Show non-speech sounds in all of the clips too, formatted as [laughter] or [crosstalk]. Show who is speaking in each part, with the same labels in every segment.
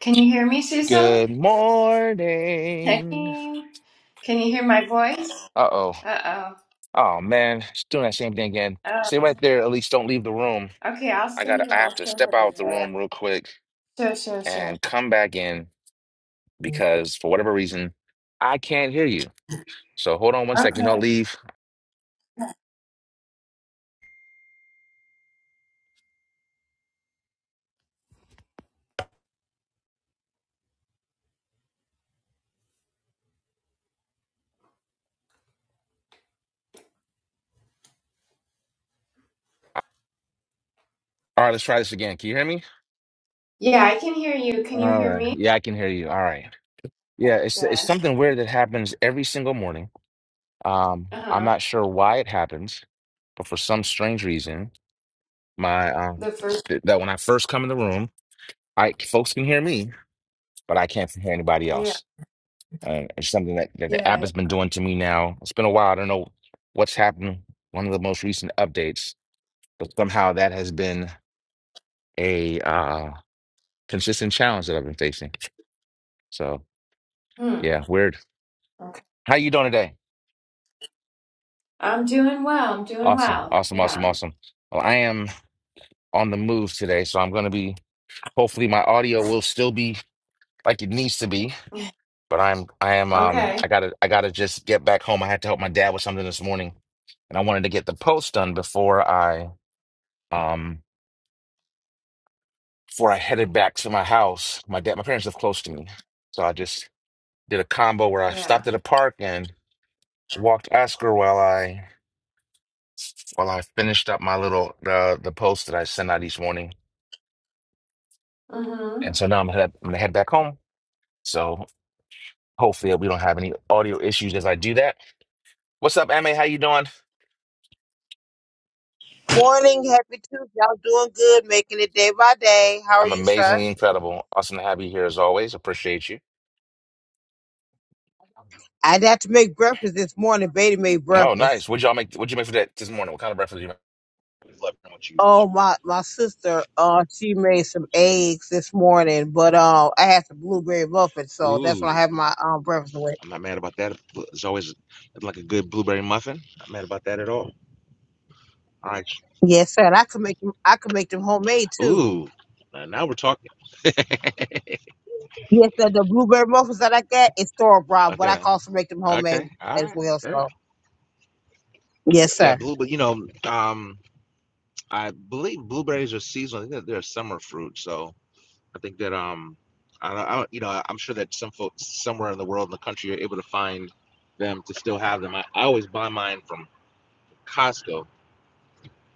Speaker 1: Can you hear me, Cecil?
Speaker 2: Good
Speaker 1: Hey.
Speaker 2: morning.
Speaker 1: Can you hear my voice?
Speaker 2: Uh oh.
Speaker 1: Uh-oh.
Speaker 2: Oh man, she's doing that same thing again.
Speaker 1: Uh
Speaker 2: Stay
Speaker 1: oh.
Speaker 2: right there. At least don't leave the room.
Speaker 1: Oh, okay. I'll
Speaker 2: I
Speaker 1: stay
Speaker 2: gotta.
Speaker 1: here.
Speaker 2: I have
Speaker 1: I'll
Speaker 2: to
Speaker 1: stay
Speaker 2: step out the
Speaker 1: here.
Speaker 2: room real quick
Speaker 1: Sure, sure, sure.
Speaker 2: and come back in because for whatever reason I can't hear you. So hold on one second. Don't
Speaker 1: Okay.
Speaker 2: leave. All right, let's try this again. Can you hear me?
Speaker 1: Yeah, I can hear you. Can you
Speaker 2: All
Speaker 1: hear
Speaker 2: right.
Speaker 1: me?
Speaker 2: Yeah, I can hear you. All right. Yeah,
Speaker 1: Okay,
Speaker 2: it's it's
Speaker 1: good.
Speaker 2: something weird that happens every single morning. Um,
Speaker 1: Uh
Speaker 2: I'm
Speaker 1: huh.
Speaker 2: not sure why it happens, but for some strange reason, my um,
Speaker 1: The first.
Speaker 2: th- that when I first come in the room. I folks can hear me, but I can't hear anybody
Speaker 1: Yeah.
Speaker 2: else. Uh, it's something that, that the
Speaker 1: Yeah.
Speaker 2: app
Speaker 1: yeah.
Speaker 2: has been doing to me now. It's been a while. I don't know what's happened. One of the most recent updates, but somehow that has been a uh, consistent challenge that I've been facing. So
Speaker 1: Hmm.
Speaker 2: yeah, weird.
Speaker 1: Okay.
Speaker 2: How you doing today?
Speaker 1: I'm doing well. I'm doing
Speaker 2: Awesome,
Speaker 1: well.
Speaker 2: awesome, awesome,
Speaker 1: Yeah.
Speaker 2: awesome. Well, I am on the move today, so I'm going to be. Hopefully, my audio will still be like it needs to be. But I'm I am um
Speaker 1: Okay.
Speaker 2: I gotta I gotta just get back home. I had to help my dad with something this morning, and I wanted to get the post done before I um before I headed back to my house. My dad my parents live close to me, so I just did a combo where I
Speaker 1: Yeah.
Speaker 2: stopped at a park and walked Oscar while I while I finished up my little the the post that I send out each morning.
Speaker 1: Mm-hmm.
Speaker 2: And so now I'm head I'm gonna head back home. So hopefully we don't have any audio issues as I do that. What's up, Ma? How you doing?
Speaker 3: Morning, happy Tuesday. Y'all doing good, making it day by day. How are
Speaker 2: I'm
Speaker 3: you, sir?
Speaker 2: amazingly incredible. Awesome to have you here as always. Appreciate you.
Speaker 3: I'd have to make breakfast this morning. Baby made
Speaker 2: Oh,
Speaker 3: breakfast.
Speaker 2: nice. What'd y'all make? What'd you make for that this morning? What kind of breakfast did you make? love what you, what
Speaker 3: Oh,
Speaker 2: you
Speaker 3: my my sister, uh, she made some eggs this morning, but uh, I had some blueberry muffins,
Speaker 2: put.
Speaker 3: so that's what I
Speaker 2: Ooh,
Speaker 3: have my um breakfast with.
Speaker 2: I'm not mad about that. It's always like a good blueberry muffin. Not mad about that at all. All right.
Speaker 3: Yes, sir. And I could make them. I could make them homemade too.
Speaker 2: Ooh, now now we're talking. [laughs]
Speaker 3: Yes, sir. The blueberry muffins that I got is store bought, but I
Speaker 2: okay.
Speaker 3: can also make them
Speaker 2: Okay.
Speaker 3: homemade
Speaker 2: All
Speaker 3: as
Speaker 2: right.
Speaker 3: well.
Speaker 2: Yeah.
Speaker 3: So, yes,
Speaker 2: Yeah.
Speaker 3: sir.
Speaker 2: Blue, but you know, um, I believe blueberries are seasonal. I think that they're a summer fruit. So. I think that um, I don't, I don't, you know, I'm sure that some folks somewhere in the world in the country are able to find them to still have them. I, I always buy mine from Costco.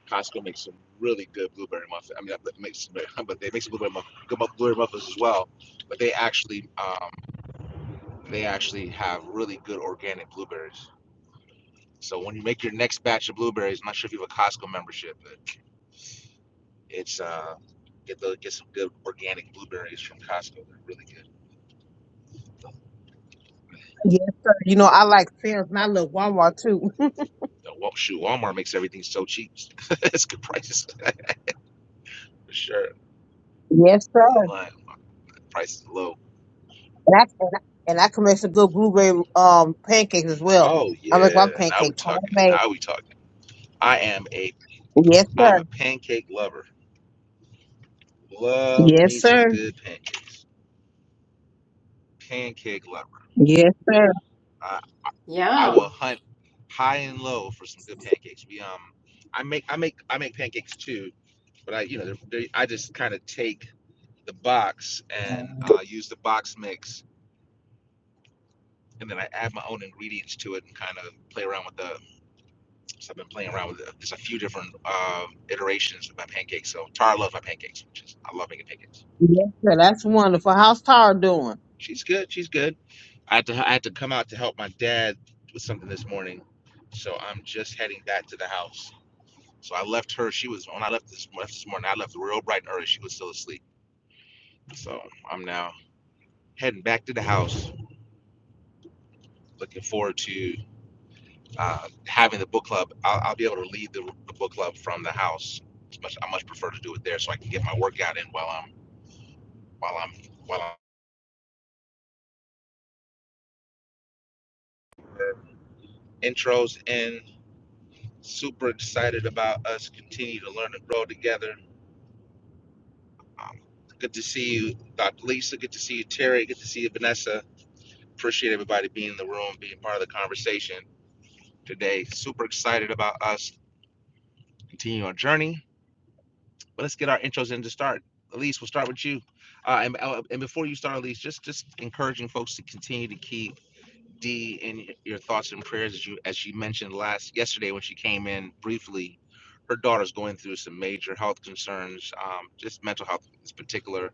Speaker 2: Costco makes some really good blueberry muffins. I mean, that makes [laughs] but they make some blueberry muffins, good blueberry muffins as well. But they actually um, they actually have really good organic blueberries. So when you make your next batch of blueberries, I'm not sure if you have a Costco membership, but it's uh, get the get some good organic blueberries from Costco. They're really good.
Speaker 3: Yes, sir. You know I like Sam's, and I love Walmart too. [laughs]
Speaker 2: The Wal- shoot, Walmart makes everything so cheap. [laughs] it's good prices for sure.
Speaker 3: yes, sir.
Speaker 2: Like price is low.
Speaker 3: And I and I, and I can make some good blueberry um pancakes as well.
Speaker 2: Oh
Speaker 3: I make
Speaker 2: yeah,
Speaker 3: my
Speaker 2: now we
Speaker 3: pancakes
Speaker 2: talking.
Speaker 3: homemade.
Speaker 2: Now we talking. I am a
Speaker 3: Yes,
Speaker 2: I'm
Speaker 3: sir.
Speaker 2: a pancake lover. Love
Speaker 3: Yes,
Speaker 2: me some
Speaker 3: sir.
Speaker 2: good pancakes. Pancake lover.
Speaker 3: Yes, sir.
Speaker 2: I I I will
Speaker 1: Yum.
Speaker 2: hunt high and low for some good pancakes. We um, I make I make I make pancakes too, but I you know they're, they I just kind of take the box and uh, use the box mix and then I add my own ingredients to it and kind of play around with the. So I've been playing around with. The, there's a few different um iterations of my pancakes. So Tara loves my pancakes, which is I love making pancakes.
Speaker 3: Yes, sir. That's wonderful. How's Tara doing?
Speaker 2: She's good. She's good. I had to I had to come out to help my dad with something this morning, so I'm just heading back to the house. So I left her. She was when I left this, left this morning. I left real bright and early. She was still asleep. So I'm now heading back to the house. Looking forward to uh, having the book club, I'll, I'll be able to lead the, the book club from the house. It's much, I much prefer to do it there, so I can get my workout in while I'm while I'm while I'm intros in. Super excited about us continue to learn and grow together. Um, good to see you, Dr. Lisa. Good to see you, Terry. Good to see you, Vanessa. Appreciate everybody being in the room, being part of the conversation today. Super excited about us continuing our journey But let's get our intros in to start. Elise, we'll start with you. Uh, and, uh, and before you start, Elise, just just encouraging folks to continue to keep D, in your thoughts and prayers, as you as she mentioned last yesterday when she came in briefly, her daughter's going through some major health concerns, um, just mental health in particular.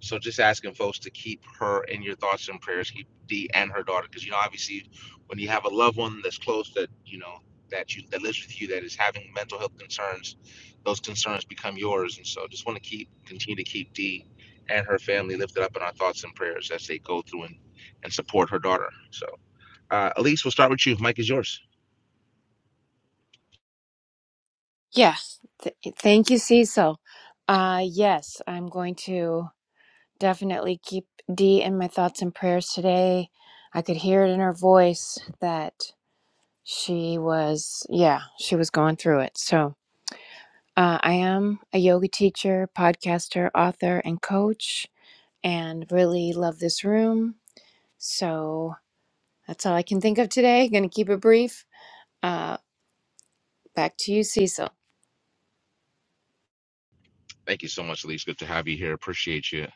Speaker 2: So just asking folks to keep her in your thoughts and prayers, keep D and her daughter, because you know obviously when you have a loved one that's close that you know that you that lives with you that is having mental health concerns, those concerns become yours, and so just want to keep continue to keep D and her family lifted up in our thoughts and prayers as they go through and and support her daughter. So. Uh, Elise, we'll start with you. Mike is yours.
Speaker 1: Yeah. Th- thank you, Cecil. Uh, yes, I'm going to. Definitely keep Dee in my thoughts and prayers today. I could hear it in her voice that she was, yeah, she was going through it. So uh, I am a yoga teacher, podcaster, author, and coach, and really love this room. So that's all I can think of today. Going to keep it brief. Uh, back to you, Cecil.
Speaker 2: Thank you so much, Elise. Good to have you here. Appreciate you.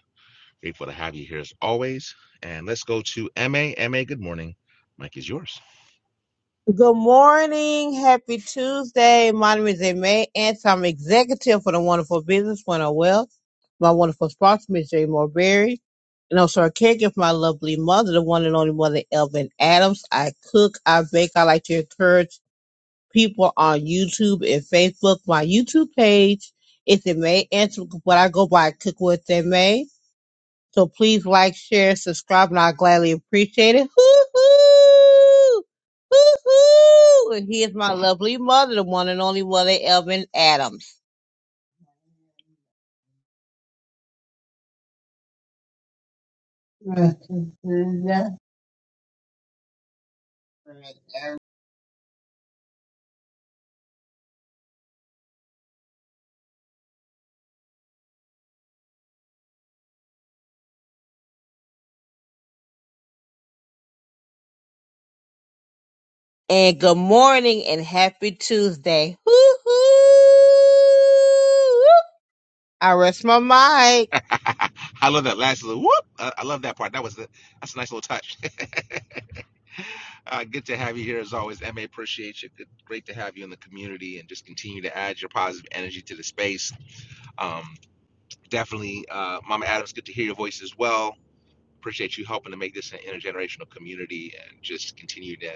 Speaker 2: Grateful to have you here as always. And let's go to M A M A. good morning. Mike is yours.
Speaker 3: Good morning. Happy Tuesday. My name is May and I'm executive for the Wonderful Business One of Wealth. My wonderful sponsor, Ms. Jay Morberry. And also a caregiver for my lovely mother, the one and only mother, Elvin Adams. I cook, I bake, I like to encourage people on YouTube and Facebook. My YouTube page is in May Answer, but I go by Cook With in May. So please like, share, subscribe, and I gladly appreciate it. Hoo hoo! Hoo hoo! And he is my lovely mother, the one and only mother, Elvin Adams. And good morning and happy Tuesday. Hoo hoo! I rest my mic.
Speaker 2: [laughs] I love that last little whoop. I, I love that part. That was the, that's a nice little touch. [laughs] uh, good to have you here as always. MA, appreciate you. Good, great to have you in the community and just continue to add your positive energy to the space. Um, definitely, uh, Mama Adams, good to hear your voice as well appreciate you helping to make this an intergenerational community and just continue to,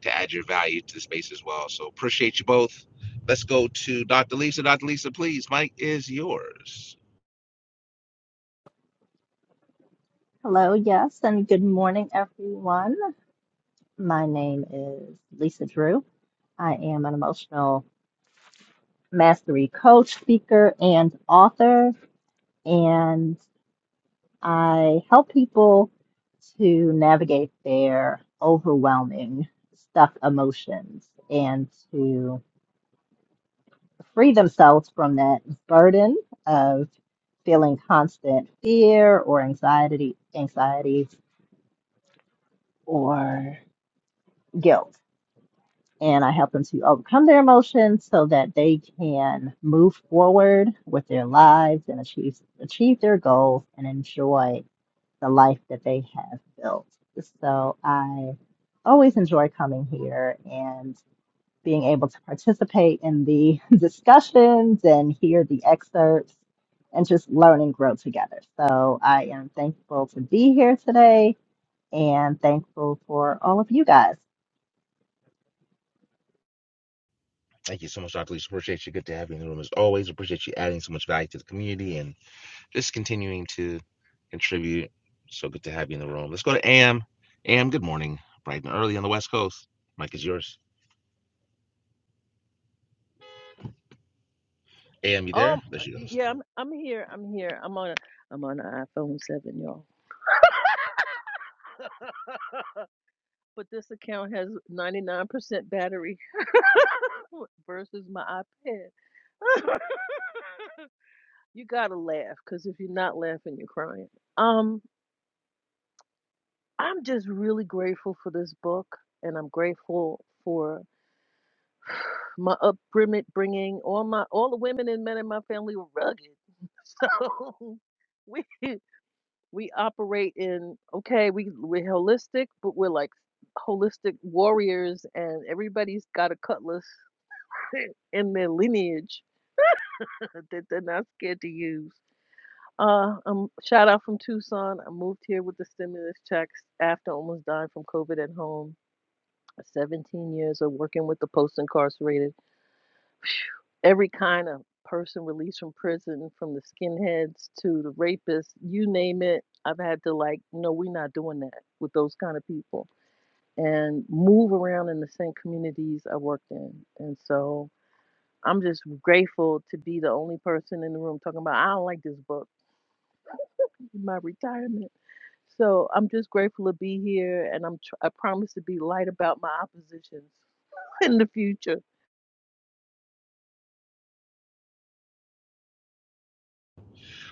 Speaker 2: to add your value to the space as well. So appreciate you both. Let's go to Dr. Lisa. Dr. Lisa, please, Mike is yours.
Speaker 4: Hello, yes, and good morning, everyone. My name is Lisa Drew. I am an emotional mastery coach, speaker, and author, and I help people to navigate their overwhelming stuck emotions and to free themselves from that burden of feeling constant fear or anxiety, anxiety or guilt. and I help them to overcome their emotions so that they can move forward with their lives and achieve achieve their goals and enjoy the life that they have built. So I always enjoy coming here and being able to participate in the [laughs] discussions and hear the excerpts and just learn and grow together. So I am thankful to be here today and thankful for all of you guys.
Speaker 2: Thank you so much, Dr. Lisa. Appreciate you. Good to have you in the room as always. Appreciate you adding so much value to the community and just continuing to contribute. So good to have you in the room. Let's go to AM. AM, good morning. Bright and early on the West Coast. Mike is yours. AM, you
Speaker 5: Um,
Speaker 2: there? There she goes.
Speaker 5: yeah, I'm I'm here. I'm here. I'm on a I'm on an iPhone seven, y'all. But this account has 99% battery [laughs] versus my iPad. [laughs] you gotta laugh, cause if you're not laughing, you're crying. Um, I'm just really grateful for this book, and I'm grateful for my upbringing. Bringing all my all the women and men in my family were rugged, [laughs] so [laughs] we we operate in okay we we're holistic but we're like holistic warriors and everybody's got a cutlass [laughs] in their lineage [laughs] that they're not scared to use uh um shout out from tucson i moved here with the stimulus checks after almost dying from covid at home 17 years of working with the post incarcerated every kind of person released from prison, from the skinheads to the rapists, you name it. I've had to like, no, we're not doing that with those kind of people, and move around in the same communities I worked in, and so I'm just grateful to be the only person in the room talking about I don't like this book, my retirement. So I'm just grateful to be here, and I'm tr- I promise to be light about my oppositions [laughs] in the future.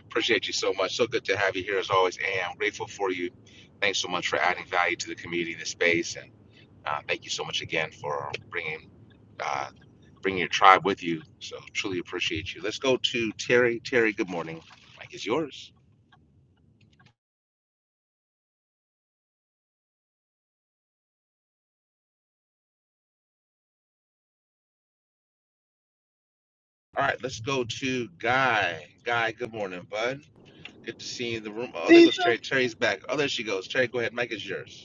Speaker 2: Appreciate you so much. So good to have you here as always, and I'm grateful for you. Thanks so much for adding value to the community and the space, and uh, thank you so much again for bringing uh, bringing your tribe with you. So truly appreciate you. Let's go to Terry. Terry, good morning. Mike is yours. All right, let's go to Guy. Guy, good morning, bud. Good to see you in the room. Oh, there goes
Speaker 6: Cecil.
Speaker 2: Terry. Terry's back. Oh, there she goes. Terry, go ahead. Mike is yours.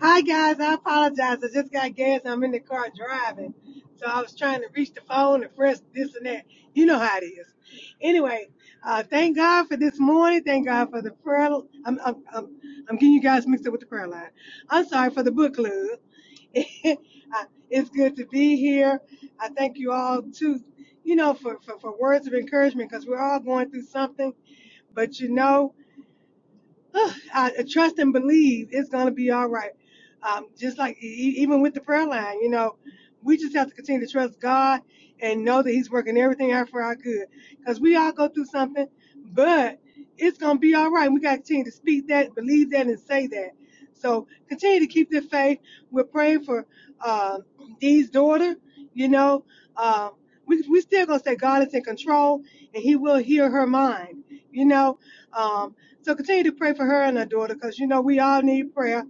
Speaker 6: Hi guys, I apologize. I just got gas. I'm in the car driving. So I was trying to reach the phone and press this and that. You know how it is. Anyway, uh, thank God for this morning. Thank God for the prayer. I'm, I'm, I'm, I'm getting you guys mixed up with the prayer line. I'm sorry for the book club. [laughs] Uh, it's good to be here. I thank you all too, you know, for, for, for words of encouragement because we're all going through something. But you know. [sighs] I trust and believe it's going to be all right. Um, just like e- e- even with the prayer line, you know, we just have to continue to trust God and know that He's working everything out for our good. Because we all go through something, but it's going to be all right. We got to continue to speak that, believe that, and say that. So continue to keep the faith. We're praying for uh, Dee's daughter, you know. Um, we, we still gonna say God is in control and he will hear her mind, you know. Um, so continue to pray for her and her daughter because, you know, we all need prayer.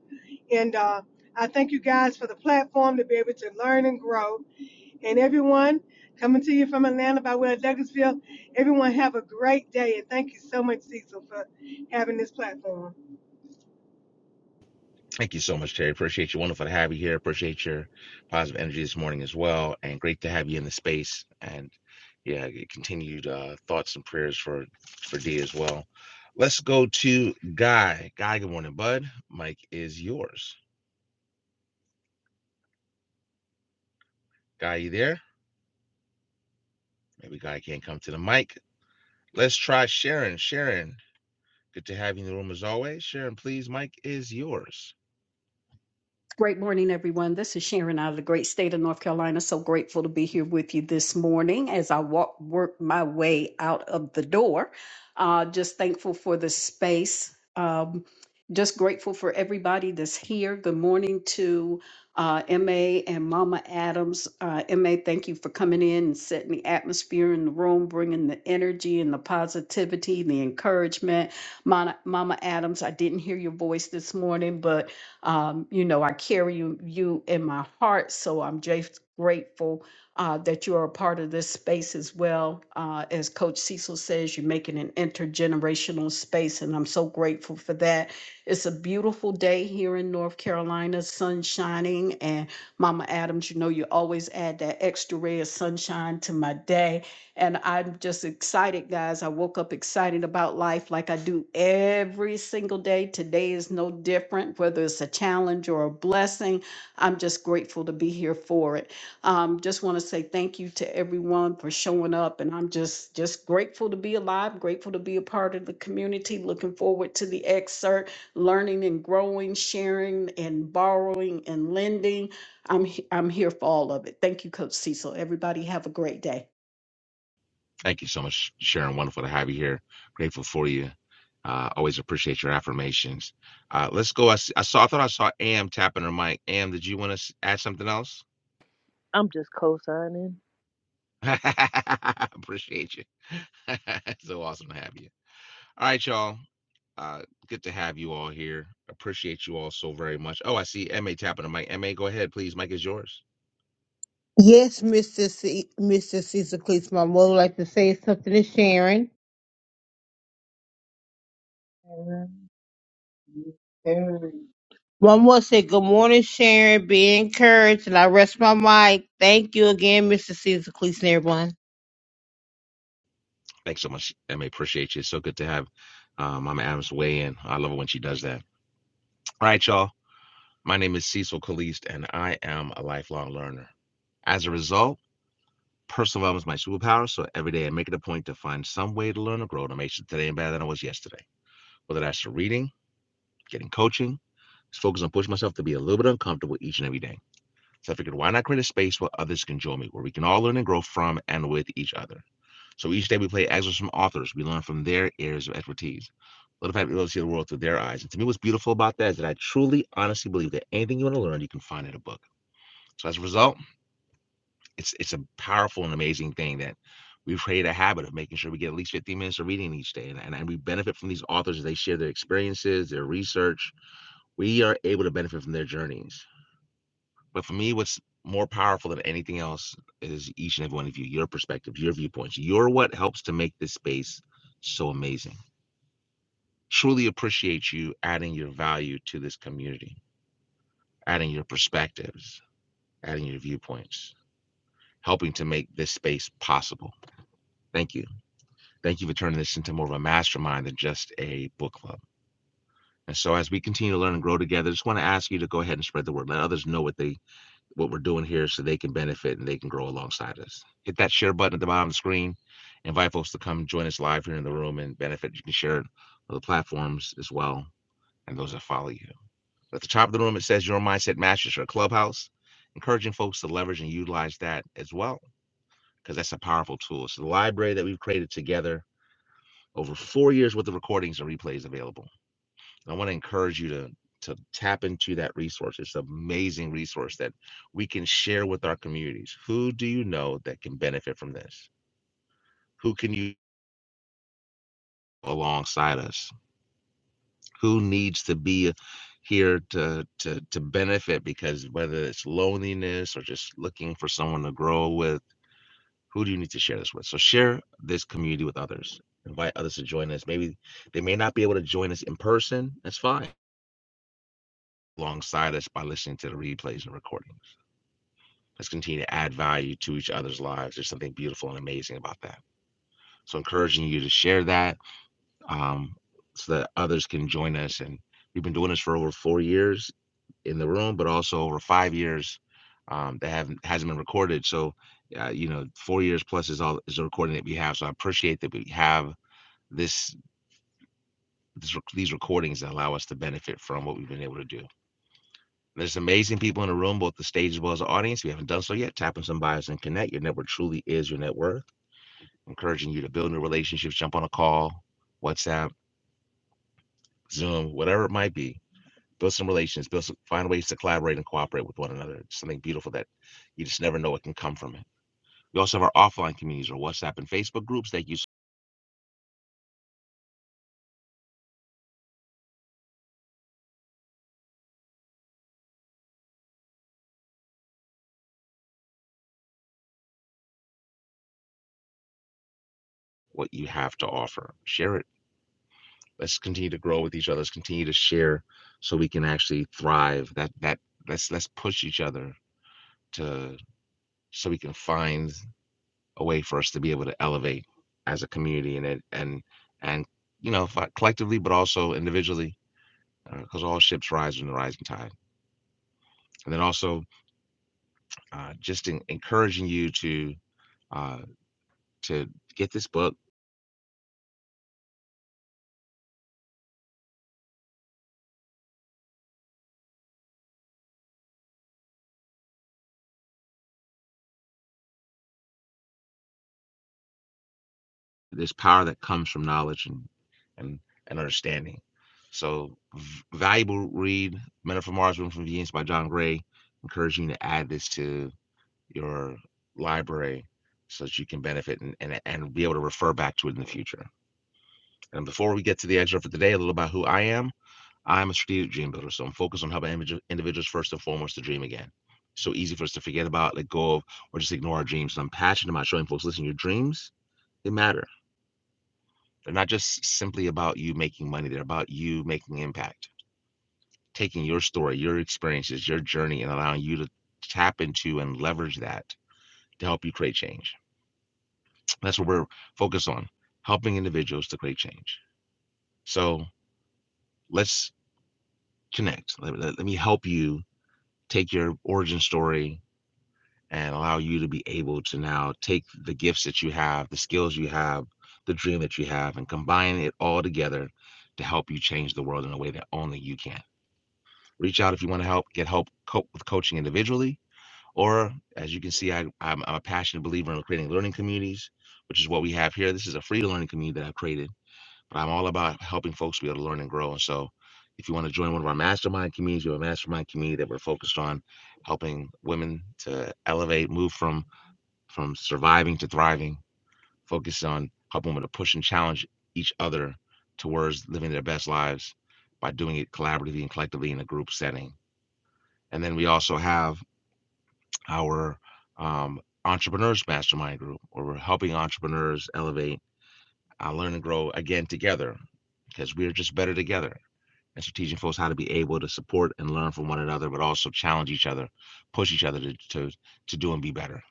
Speaker 6: And uh, I thank you guys for the platform to be able to learn and grow. And everyone coming to you from Atlanta by way of Douglasville, everyone have a great day. And thank you so much, Cecil, for having this platform.
Speaker 2: Thank you so much, Terry. Appreciate you. Wonderful to have you here. Appreciate your positive energy this morning as well. And great to have you in the space. And yeah, your continued uh, thoughts and prayers for for D as well. Let's go to Guy. Guy, good morning, bud. Mike is yours. Guy, you there? Maybe Guy can't come to the mic. Let's try Sharon. Sharon, good to have you in the room as always. Sharon, please, Mike is yours.
Speaker 7: Great morning, everyone. This is Sharon out of the great state of North Carolina. So grateful to be here with you this morning as I walk work my way out of the door. Uh, just thankful for the space. Um, just grateful for everybody that's here. Good morning to uh, MA and Mama Adams. Uh, MA, thank you for coming in and setting the atmosphere in the room, bringing the energy and the positivity, the encouragement. Mama, Mama Adams, I didn't hear your voice this morning, but um, you know, I carry you, you in my heart, so I'm just grateful uh, that you are a part of this space as well. Uh, as Coach Cecil says, you're making an intergenerational space, and I'm so grateful for that. It's a beautiful day here in North Carolina, sun shining, and Mama Adams, you know, you always add that extra ray of sunshine to my day and I'm just excited, guys. I woke up excited about life like I do every single day. Today is no different, whether it's a challenge or a blessing. I'm just grateful to be here for it. Um, just want to say thank you to everyone for showing up. And I'm just, just grateful to be alive, grateful to be a part of the community. Looking forward to the excerpt, learning and growing, sharing and borrowing and lending. I'm, he- I'm here for all of it. Thank you, Coach Cecil. Everybody have a great day.
Speaker 2: Thank you so much, Sharon. Wonderful to have you here. Grateful for you. Uh, always appreciate your affirmations. Uh, let's go. I, s- I saw. I thought I saw Am tapping her mic. Am, did you want to add something else?
Speaker 5: I'm just co-signing.
Speaker 2: [laughs] appreciate you. [laughs] so awesome to have you. All right, y'all. Uh, good to have you all here. Appreciate you all so very much. Oh, I see Ma tapping the mic. Ma, go ahead, please. Mike is yours.
Speaker 3: Yes, Mr. C- Mr. Cecil Cleese, would like to say something to Sharon. One more say good morning, Sharon. Be encouraged, and I rest my mic. Thank you again, Mr. Cecil Cleese, and everyone.
Speaker 2: Thanks so much, Ma. Appreciate you. It's so good to have uh, Mama Adams weigh in. I love it when she does that. All right, y'all. My name is Cecil Caliste, and I am a lifelong learner. As a result, personal development is my superpower, so every day I make it a point to find some way to learn or grow to make sure today I'm better than I was yesterday. Whether that's through reading, getting coaching, just focus on pushing myself to be a little bit uncomfortable each and every day. So I figured, why not create a space where others can join me, where we can all learn and grow from and with each other. So each day we play excerpts from authors. We learn from their areas of expertise. Let the fact able to see the world through their eyes. And to me, what's beautiful about that is that I truly, honestly believe that anything you want to learn, you can find in a book. So as a result, it's it's a powerful and amazing thing that we've created a habit of making sure we get at least 15 minutes of reading each day. And, and, and we benefit from these authors as they share their experiences, their research. We are able to benefit from their journeys. But for me, what's more powerful than anything else is each and every one of you, your perspectives, your viewpoints. You're what helps to make this space so amazing. Truly appreciate you adding your value to this community, adding your perspectives, adding your viewpoints, helping to make this space possible. Thank you. Thank you for turning this into more of a mastermind than just a book club. And so as we continue to learn and grow together, I just want to ask you to go ahead and spread the word. Let others know what they what we're doing here so they can benefit and they can grow alongside us. Hit that share button at the bottom of the screen. Invite folks to come join us live here in the room and benefit. You can share it on the platforms as well and those that follow you. At the top of the room, it says your mindset Masters your clubhouse, encouraging folks to leverage and utilize that as well, because that's a powerful tool. So the library that we've created together over four years worth of recordings and replays available. I want to encourage you to to tap into that resource. It's an amazing resource that we can share with our communities. Who do you know that can benefit from this? Who can you alongside us? Who needs to be here to to to benefit because whether it's loneliness or just looking for someone to grow with, who do you need to share this with? So share this community with others. Invite others to join us. Maybe they may not be able to join us in person. That's fine alongside us by listening to the replays and recordings. Let's continue to add value to each other's lives. There's something beautiful and amazing about that. So, encouraging you to share that um, so that others can join us. And we've been doing this for over four years in the room, but also over five years um, that haven't hasn't been recorded. So, uh, you know, four years plus is all is the recording that we have. So, I appreciate that we have this, this these recordings that allow us to benefit from what we've been able to do. There's amazing people in the room, both the stage as well as the audience. If you haven't done so yet, tap on some bios and connect. Your network truly is your net worth. Encouraging you to build new relationships, jump on a call, WhatsApp, Zoom, whatever it might be. Build some relations, build some, find ways to collaborate and cooperate with one another. It's something beautiful that you just never know what can come from it. We also have our offline communities or WhatsApp and Facebook groups that use what you have to offer. Share it. Let's continue to grow with each other. Let's continue to share so we can actually thrive. That that let's let's push each other to. so we can find a way for us to be able to elevate as a community and it and and you know collectively but also individually because uh, all ships rise in the rising tide and then also uh, just in, encouraging you to uh, to get this book this power that comes from knowledge and and, and understanding so v- valuable read men Are from mars women from venus by john gray encouraging you to add this to your library so that you can benefit and, and, and be able to refer back to it in the future. And before we get to the excerpt for today, a little about who I am. I'm a strategic dream builder, so I'm focused on helping individuals first and foremost to dream again. It's So easy for us to forget about, let go of, or just ignore our dreams. And I'm passionate about showing folks, listen, your dreams, they matter. They're not just simply about you making money, they're about you making impact, taking your story, your experiences, your journey, and allowing you to tap into and leverage that to help you create change. That's what we're focused on helping individuals to create change. So let's connect. Let, let- let me help you take your origin story and allow you to be able to now take the gifts that you have, the skills you have, the dream that you have, and combine it all together to help you change the world in a way that only you can. Reach out if you want to help, get help cope with coaching individually. Or as you can see, I, I'm, I'm a passionate believer in creating learning communities, which is what we have here. This is a free learning community that I've created but I'm all about helping folks be able to learn and grow. And so, if you want to join one of our mastermind communities, we have a mastermind community that we're focused on helping women to elevate, move from from surviving to thriving. Focused on helping women to push and challenge each other towards living their best lives by doing it collaboratively and collectively in a group setting. And then we also have our um, entrepreneurs mastermind group, where we're helping entrepreneurs elevate, uh, learn, and grow again together because we're just better together. and so teaching folks how to be able to support and learn from one another, but also challenge each other, push each other to to, to do and be better.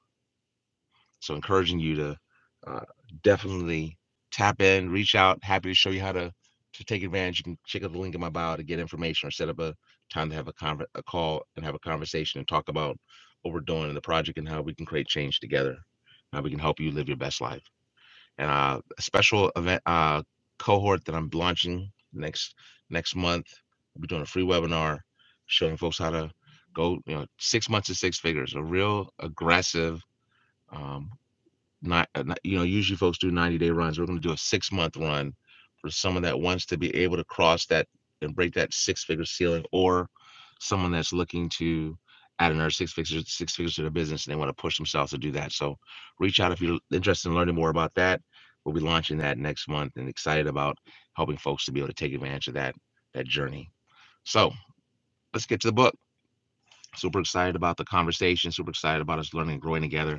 Speaker 2: So encouraging you to uh, definitely tap in, reach out. Happy to show you how to to take advantage. You can check out the link in my bio to get information or set up a time to have a con a call and have a conversation and talk about what we're doing in the project and how we can create change together, how we can help you live your best life and uh, a special event uh, cohort that I'm launching next next month. I'll be doing a free webinar showing folks how to go, you know, six months to six figures, a real aggressive um, not, uh, not- you know, usually folks do 90 day runs. We're going to do a six month run for someone that wants to be able to cross that and break that six figure ceiling, or someone that's looking to add another six figures six figures to their business and they want to push themselves to do that. So, reach out if you're interested in learning more about that. We'll be launching that next month and excited about helping folks to be able to take advantage of that that journey. So, let's get to the book. Super excited about the conversation. Super excited about us learning and growing together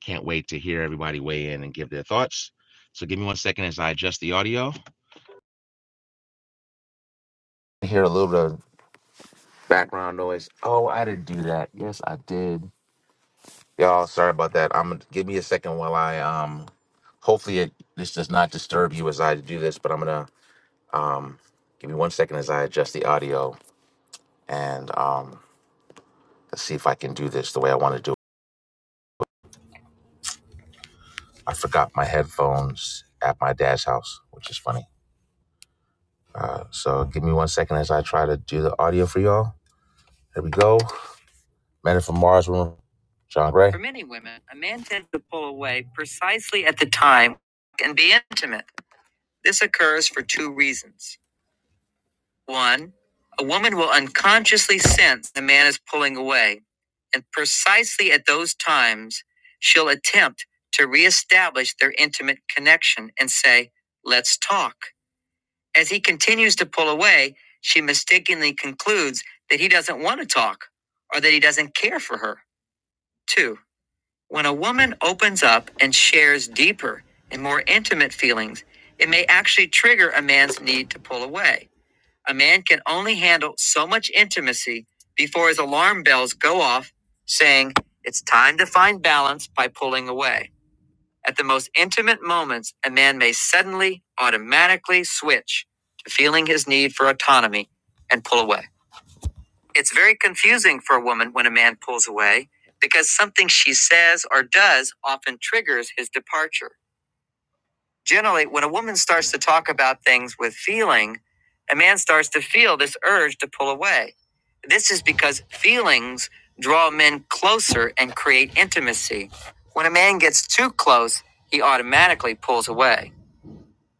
Speaker 2: can't wait to hear everybody weigh in and give their thoughts. So give me one second as I adjust the audio. I Hear a little bit of background noise. Oh, I didn't do that. Yes, I did. Y'all, sorry about that. I'm gonna give me a second while I um. Hopefully, it, this does not disturb you as I do this, but I'm gonna um. Give me one second as I adjust the audio and um. Let's see if I can do this the way I want to do it. I forgot my headphones at my dad's house, which is funny. Uh, so give me one second as I try to do the audio for y'all. There we go. Men from Mars, Women John Gray. For many women, a man tends to pull away precisely at the time and be intimate. This occurs for two reasons. One, a woman will unconsciously sense the man is pulling away, and precisely at those times, she'll attempt to reestablish their intimate connection and say, Let's talk. As he continues to pull away, she mistakenly concludes that he doesn't want to talk or that he doesn't care for her. Two, When a woman opens up and shares deeper and more intimate feelings, it may actually trigger a man's need to pull away. A man can only handle so much intimacy before his alarm bells go off, saying, It's time to find balance by pulling away. At the most intimate moments, a man may suddenly, automatically switch to feeling his need for autonomy and pull away. It's very confusing for a woman when a man pulls away because something she says or does often triggers his departure. Generally, when a woman starts to talk about things with feeling, a man starts to feel this urge to pull away. This is because feelings draw men closer and create intimacy. When a man gets too close, he automatically pulls away.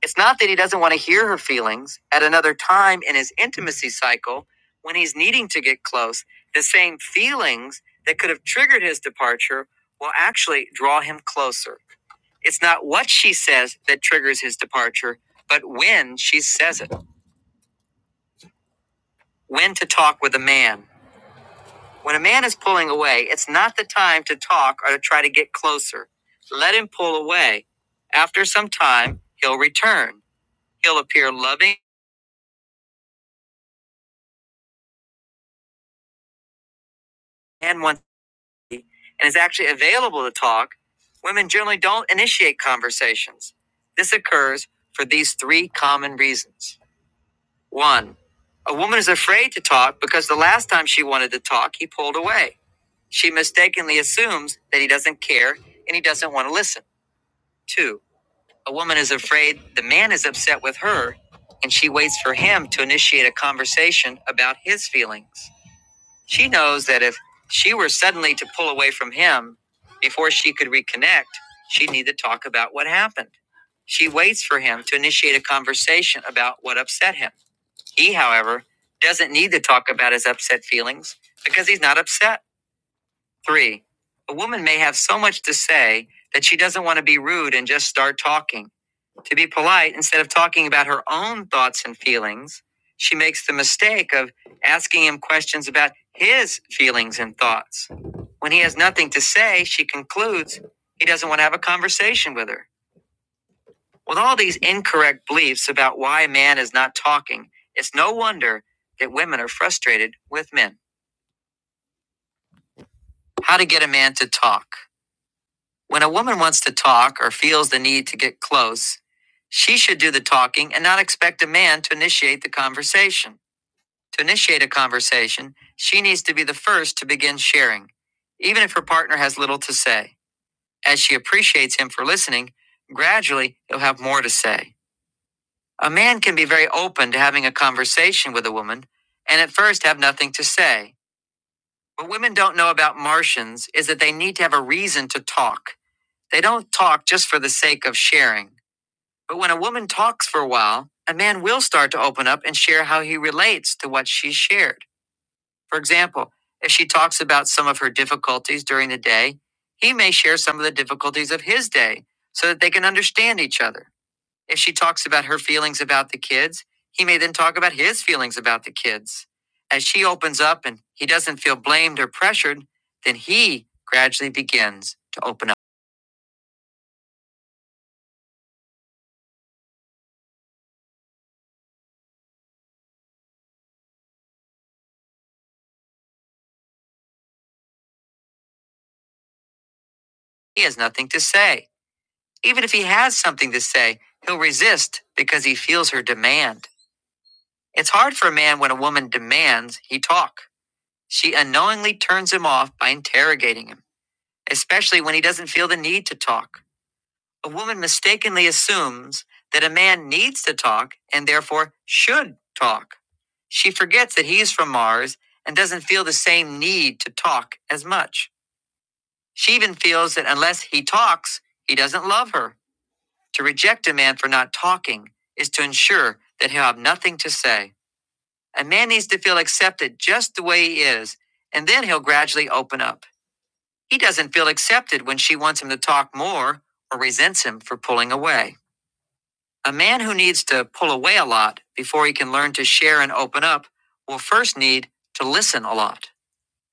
Speaker 2: It's not that he doesn't want to hear her feelings at another time in his intimacy cycle when he's needing to get close. The same feelings that could have triggered his departure will actually draw him closer. It's not what she says that triggers his departure, but when she says it. When to talk with a man. When a man is pulling away, it's not the time to talk or to try to get closer. Let him pull away. After some time, he'll return. He'll appear loving and want. and is actually available to talk, women generally don't initiate conversations. This occurs for these three common reasons. One, a woman is afraid to talk because the last time she wanted to talk, he pulled away. She mistakenly assumes that he doesn't care and he doesn't want to listen. Two, a woman is afraid the man is upset with her and she waits for him to initiate a conversation about his feelings. She knows that if she were suddenly to pull away from him before she could reconnect, she'd need to talk about what happened. She waits for him to initiate a conversation about what upset him. He, however, doesn't need to talk about his upset feelings because he's not upset. Three, a woman may have so much to say that she doesn't want to be rude and just start talking. To be polite, instead of talking about her own thoughts and feelings, she makes the mistake of asking him questions about his feelings and thoughts. When he has nothing to say, she concludes he doesn't want to have a conversation with her. With all these incorrect beliefs about why a man is not talking, it's no wonder that women are frustrated with men. How to get a man to talk. When a woman wants to talk or feels the need to get close, she should do the talking and not expect a man to initiate the conversation. To initiate a conversation, she needs to be the first to begin sharing, even if her partner has little to say. As she appreciates him for listening, gradually he'll have more to say. A man can be very open to having a conversation with a woman and at first have nothing to say. What women don't know about Martians is that they need to have a reason to talk. They don't talk just for the sake of sharing. But when a woman talks for a while, a man will start to open up and share how he relates to what she shared. For example, if she talks about some of her difficulties during the day, he may share some of the difficulties of his day so that they can understand each other. If she talks about her feelings about the kids, he may then talk about his feelings about the kids. As she opens up and he doesn't feel blamed or pressured, then he gradually begins to open up. He has nothing to say. Even if he has something to say, he'll resist because he feels her demand. It's hard for a man when a woman demands he talk. She unknowingly turns him off by interrogating him, especially when he doesn't feel the need to talk. A woman mistakenly assumes that a man needs to talk and therefore should talk. She forgets that he's from Mars and doesn't feel the same need to talk as much. She even feels that unless he talks, he doesn't love her To reject a man for not talking is to ensure that he'll have nothing to say. A man needs to feel accepted just the way he is, and then he'll gradually open up. He doesn't feel accepted when she wants him to talk more or resents him for pulling away. A man who needs to pull away a lot before he can learn to share and open up will first need to listen a lot.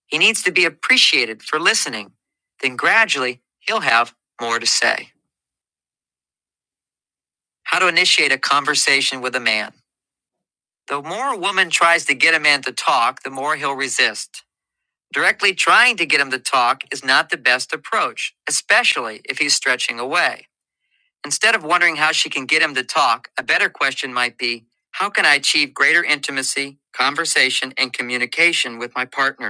Speaker 2: He needs to be appreciated for listening. Then gradually, he'll have more to say. How to initiate a conversation with a man. The more a woman tries to get a man to talk, the more he'll resist. Directly trying to get him to talk is not the best approach, especially if he's stretching away. Instead of wondering how she can get him to talk, a better question might be How can I achieve greater intimacy, conversation, and communication with my partner?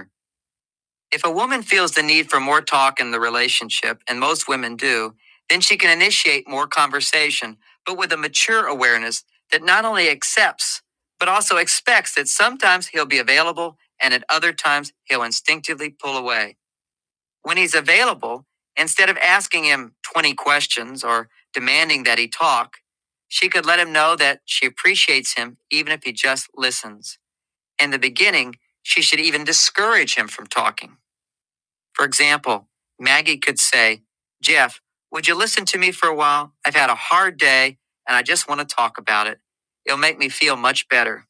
Speaker 2: If a woman feels the need for more talk in the relationship, and most women do, then she can initiate more conversation, but with a mature awareness that not only accepts, but also expects that sometimes he'll be available and at other times he'll instinctively pull away. When he's available, instead of asking him 20 questions or demanding that he talk, she could let him know that she appreciates him even if he just listens. In the beginning, she should even discourage him from talking for example, Maggie could say, Jeff, would you listen to me for a while? I've had a hard day and I just want to talk about it. It'll make me feel much better.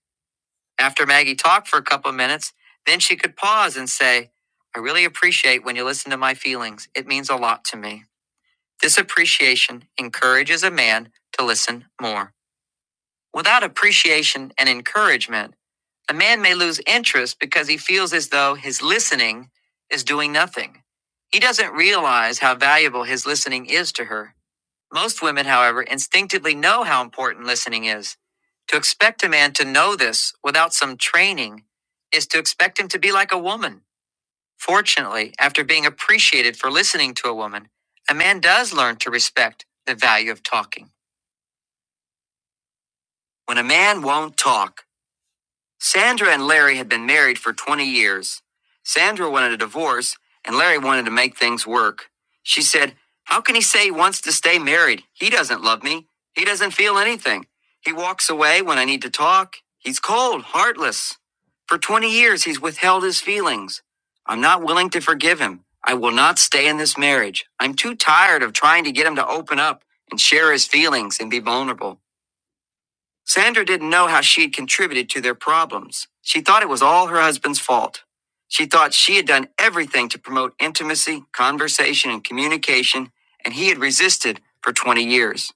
Speaker 2: After Maggie talked for a couple of minutes, then she could pause and say, I really appreciate when you listen to my feelings. It means a lot to me. This appreciation encourages a man to listen more. Without appreciation and encouragement, a man may lose interest because he feels as though his listening is doing nothing. He doesn't realize how valuable his listening is to her. Most women, however, instinctively know how important listening is. To expect a man to know this without some training is to expect him to be like a woman. Fortunately, after being appreciated for listening to a woman, a man does learn to respect the value of talking. When a man won't talk, Sandra and Larry had been married for 20 years. Sandra wanted a divorce, and Larry wanted to make things work. She said, How can he say he wants to stay married? He doesn't love me. He doesn't feel anything. He walks away when I need to talk. He's cold, heartless. For 20 years, he's withheld his feelings. I'm not willing to forgive him. I will not stay in this marriage. I'm too tired of trying to get him to open up and share his feelings and be vulnerable. Sandra didn't know how she had contributed to their problems. She thought it was all her husband's fault. She thought she had done everything to promote intimacy, conversation, and communication, and he had resisted for 20 years.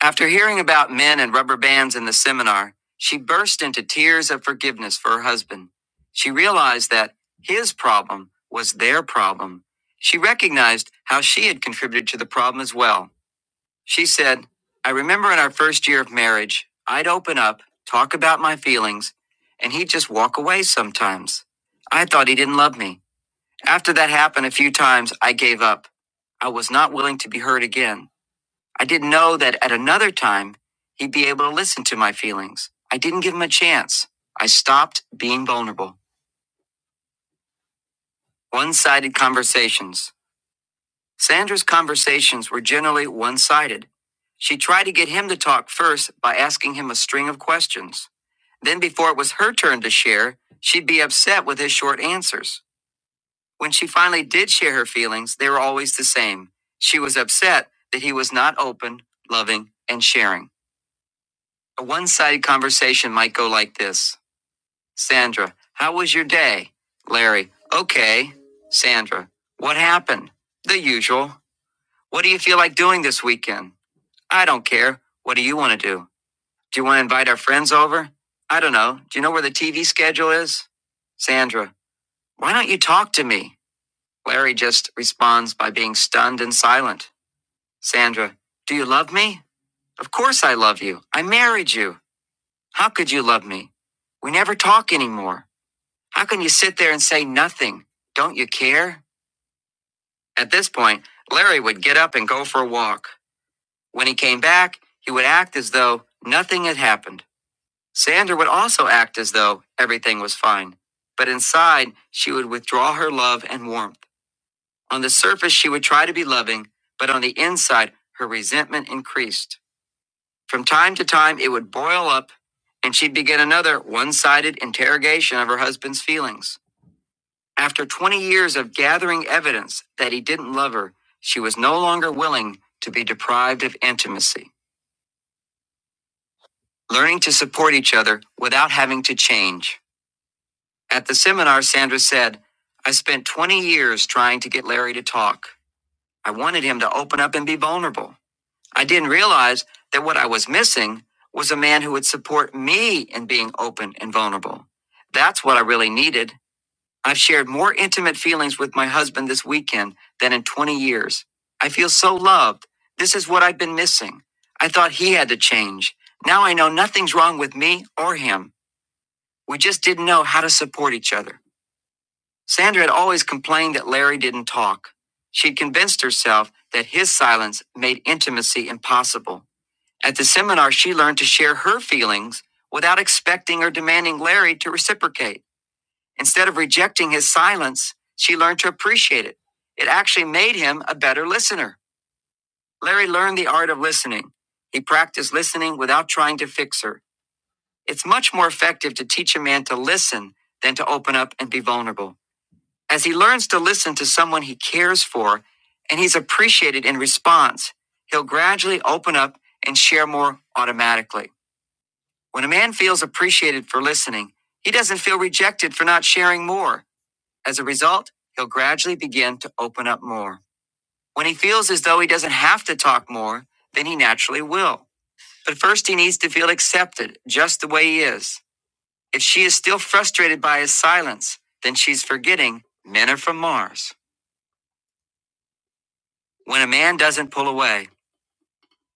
Speaker 2: After hearing about men and rubber bands in the seminar, she burst into tears of forgiveness for her husband. She realized that his problem was their problem. She recognized how she had contributed to the problem as well. She said, I remember in our first year of marriage, I'd open up, talk about my feelings, and he'd just walk away sometimes. I thought he didn't love me. After that happened a few times, I gave up. I was not willing to be hurt again. I didn't know that at another time, he'd be able to listen to my feelings. I didn't give him a chance. I stopped being vulnerable. One sided conversations. Sandra's conversations were generally one sided. She tried to get him to talk first by asking him a string of questions. Then, before it was her turn to share, she'd be upset with his short answers. When she finally did share her feelings, they were always the same. She was upset that he was not open, loving, and sharing. A one sided conversation might go like this Sandra, how was your day? Larry, okay. Sandra, what happened? The usual. What do you feel like doing this weekend? I don't care. What do you want to do? Do you want to invite our friends over? I don't know. Do you know where the TV schedule is? Sandra, why don't you talk to me? Larry just responds by being stunned and silent. Sandra, do you love me? Of course I love you. I married you. How could you love me? We never talk anymore. How can you sit there and say nothing? Don't you care? At this point, Larry would get up and go for a walk. When he came back, he would act as though nothing had happened. Sandra would also act as though everything was fine, but inside she would withdraw her love and warmth. On the surface, she would try to be loving, but on the inside, her resentment increased. From time to time, it would boil up, and she'd begin another one sided interrogation of her husband's feelings. After 20 years of gathering evidence that he didn't love her, she was no longer willing to be deprived of intimacy, learning to support each other without having to change. At the seminar, Sandra said, I spent 20 years trying to get Larry to talk. I wanted him to open up and be vulnerable. I didn't realize that what I was missing was a man who would support me in being open and vulnerable. That's what I really needed. I've shared more intimate feelings with my husband this weekend than in 20 years. I feel so loved. This is what I've been missing. I thought he had to change. Now I know nothing's wrong with me or him. We just didn't know how to support each other. Sandra had always complained that Larry didn't talk. She'd convinced herself that his silence made intimacy impossible. At the seminar, she learned to share her feelings without expecting or demanding Larry to reciprocate. Instead of rejecting his silence, she learned to appreciate it. It actually made him a better listener. Larry learned the art of listening. He practiced listening without trying to fix her. It's much more effective to teach a man to listen than to open up and be vulnerable. As he learns to listen to someone he cares for and he's appreciated in response, he'll gradually open up and share more automatically. When a man feels appreciated for listening, he doesn't feel rejected for not sharing more. As a result, he'll gradually begin to open up more. When he feels as though he doesn't have to talk more, then he naturally will. But first, he needs to feel accepted just the way he is. If she is still frustrated by his silence, then she's forgetting men are from Mars. When a man doesn't pull away,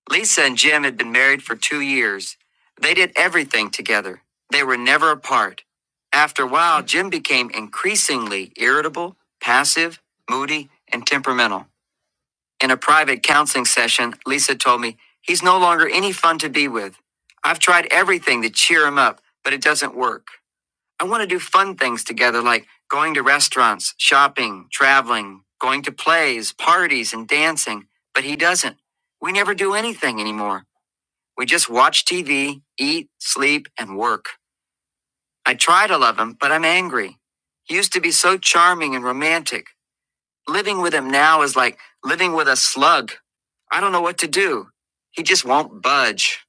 Speaker 2: Lisa and Jim had been married for two years. They did everything together, they were never apart. After a while, Jim became increasingly irritable, passive, moody, and temperamental. In a private counseling session, Lisa told me, He's no longer any fun to be with. I've tried everything to cheer him up, but it doesn't work. I want to do fun things together like going to restaurants, shopping, traveling, going to plays, parties, and dancing. But he doesn't. We never do anything anymore. We just watch TV, eat, sleep, and work. I try to love him, but I'm angry. He used to be so charming and romantic. Living with him now is like living with a slug. I don't know what to do. He just won't budge.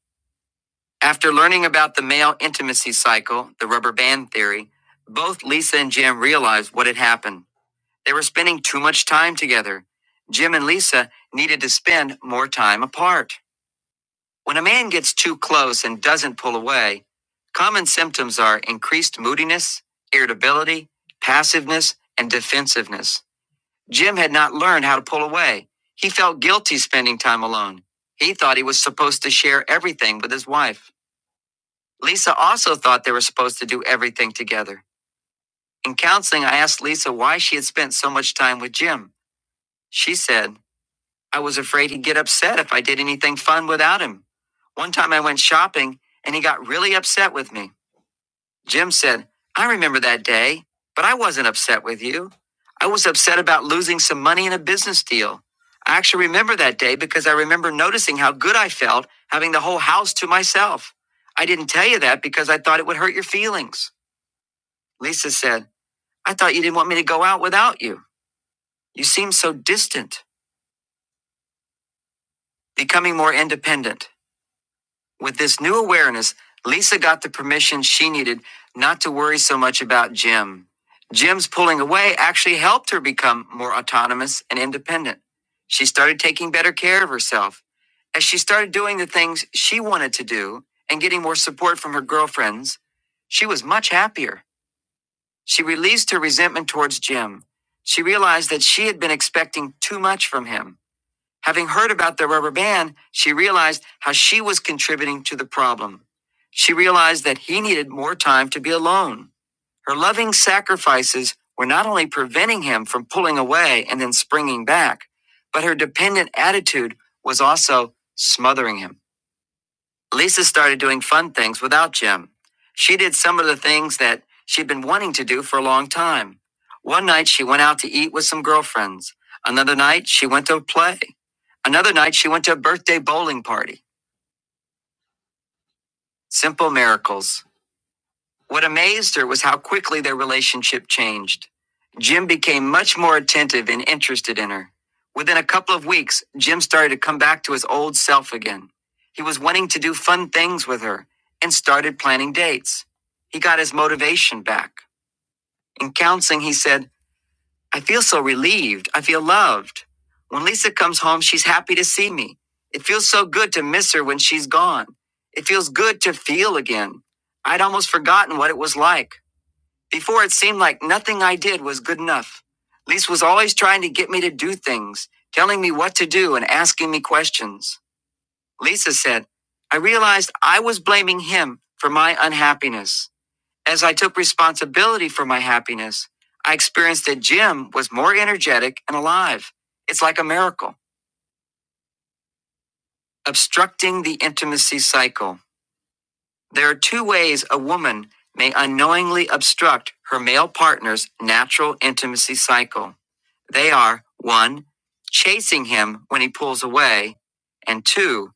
Speaker 2: After learning about the male intimacy cycle, the rubber band theory, both Lisa and Jim realized what had happened. They were spending too much time together. Jim and Lisa needed to spend more time apart. When a man gets too close and doesn't pull away, common symptoms are increased moodiness, irritability, passiveness, and defensiveness. Jim had not learned how to pull away. He felt guilty spending time alone. He thought he was supposed to share everything with his wife. Lisa also thought they were supposed to do everything together. In counseling, I asked Lisa why she had spent so much time with Jim. She said, I was afraid he'd get upset if I did anything fun without him. One time I went shopping and he got really upset with me. Jim said, I remember that day, but I wasn't upset with you. I was upset about losing some money in a business deal. I actually remember that day because I remember noticing how good I felt having the whole house to myself. I didn't tell you that because I thought it would hurt your feelings. Lisa said, I thought you didn't want me to go out without you. You seem so distant, becoming more independent. With this new awareness, Lisa got the permission she needed not to worry so much about Jim. Jim's pulling away actually helped her become more autonomous and independent. She started taking better care of herself. As she started doing the things she wanted to do and getting more support from her girlfriends, she was much happier. She released her resentment towards Jim. She realized that she had been expecting too much from him. Having heard about the rubber band, she realized how she was contributing to the problem. She realized that he needed more time to be alone. Her loving sacrifices were not only preventing him from pulling away and then springing back, but her dependent attitude was also smothering him. Lisa started doing fun things without Jim. She did some of the things that she'd been wanting to do for a long time. One night she went out to eat with some girlfriends. Another night she went to a play. Another night she went to a birthday bowling party. Simple miracles. What amazed her was how quickly their relationship changed. Jim became much more attentive and interested in her. Within a couple of weeks, Jim started to come back to his old self again. He was wanting to do fun things with her and started planning dates. He got his motivation back. In counseling, he said, I feel so relieved. I feel loved. When Lisa comes home, she's happy to see me. It feels so good to miss her when she's gone. It feels good to feel again. I'd almost forgotten what it was like. Before it seemed like nothing I did was good enough. Lise was always trying to get me to do things, telling me what to do and asking me questions. Lisa said, I realized I was blaming him for my unhappiness. As I took responsibility for my happiness, I experienced that Jim was more energetic and alive. It's like a miracle. Obstructing the intimacy cycle. There are two ways a woman may unknowingly obstruct her male partner's natural intimacy cycle. They are 1. Chasing him when he pulls away, and 2.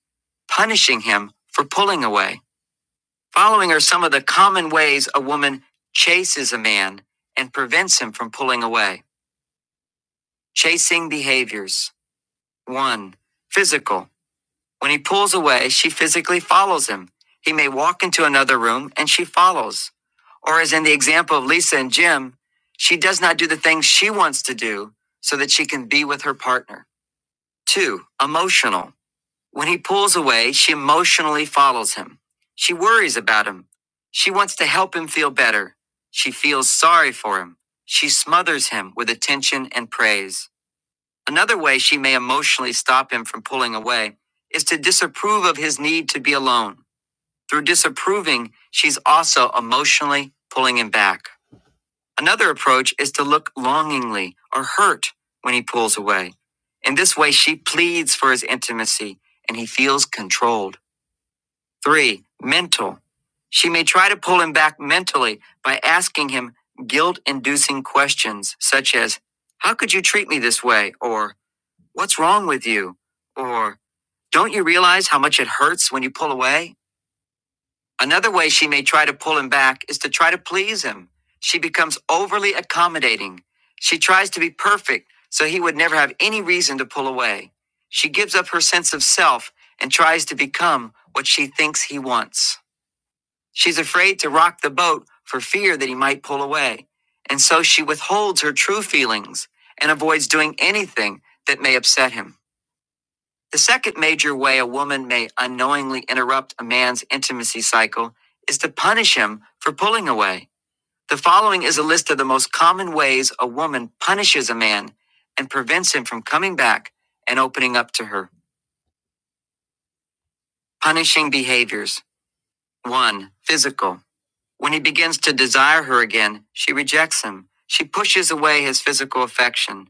Speaker 2: Punishing him for pulling away. Following are some of the common ways a woman chases a man and prevents him from pulling away. Chasing behaviors 1. Physical. When he pulls away, she physically follows him. He may walk into another room and she follows. Or, as in the example of Lisa and Jim, she does not do the things she wants to do so that she can be with her partner. Two, emotional. When he pulls away, she emotionally follows him. She worries about him. She wants to help him feel better. She feels sorry for him. She smothers him with attention and praise. Another way she may emotionally stop him from pulling away is to disapprove of his need to be alone. Through disapproving, she's also emotionally pulling him back. Another approach is to look longingly or hurt when he pulls away. In this way, she pleads for his intimacy and he feels controlled. Three, mental. She may try to pull him back mentally by asking him guilt inducing questions such as, How could you treat me this way? Or, What's wrong with you? Or, Don't you realize how much it hurts when you pull away? Another way she may try to pull him back is to try to please him. She becomes overly accommodating. She tries to be perfect so he would never have any reason to pull away. She gives up her sense of self and tries to become what she thinks he wants. She's afraid to rock the boat for fear that he might pull away. And so she withholds her true feelings and avoids doing anything that may upset him. The second major way a woman may unknowingly interrupt a man's intimacy cycle is to punish him for pulling away. The following is a list of the most common ways a woman punishes a man and prevents him from coming back and opening up to her. Punishing behaviors. 1. Physical. When he begins to desire her again, she rejects him. She pushes away his physical affection.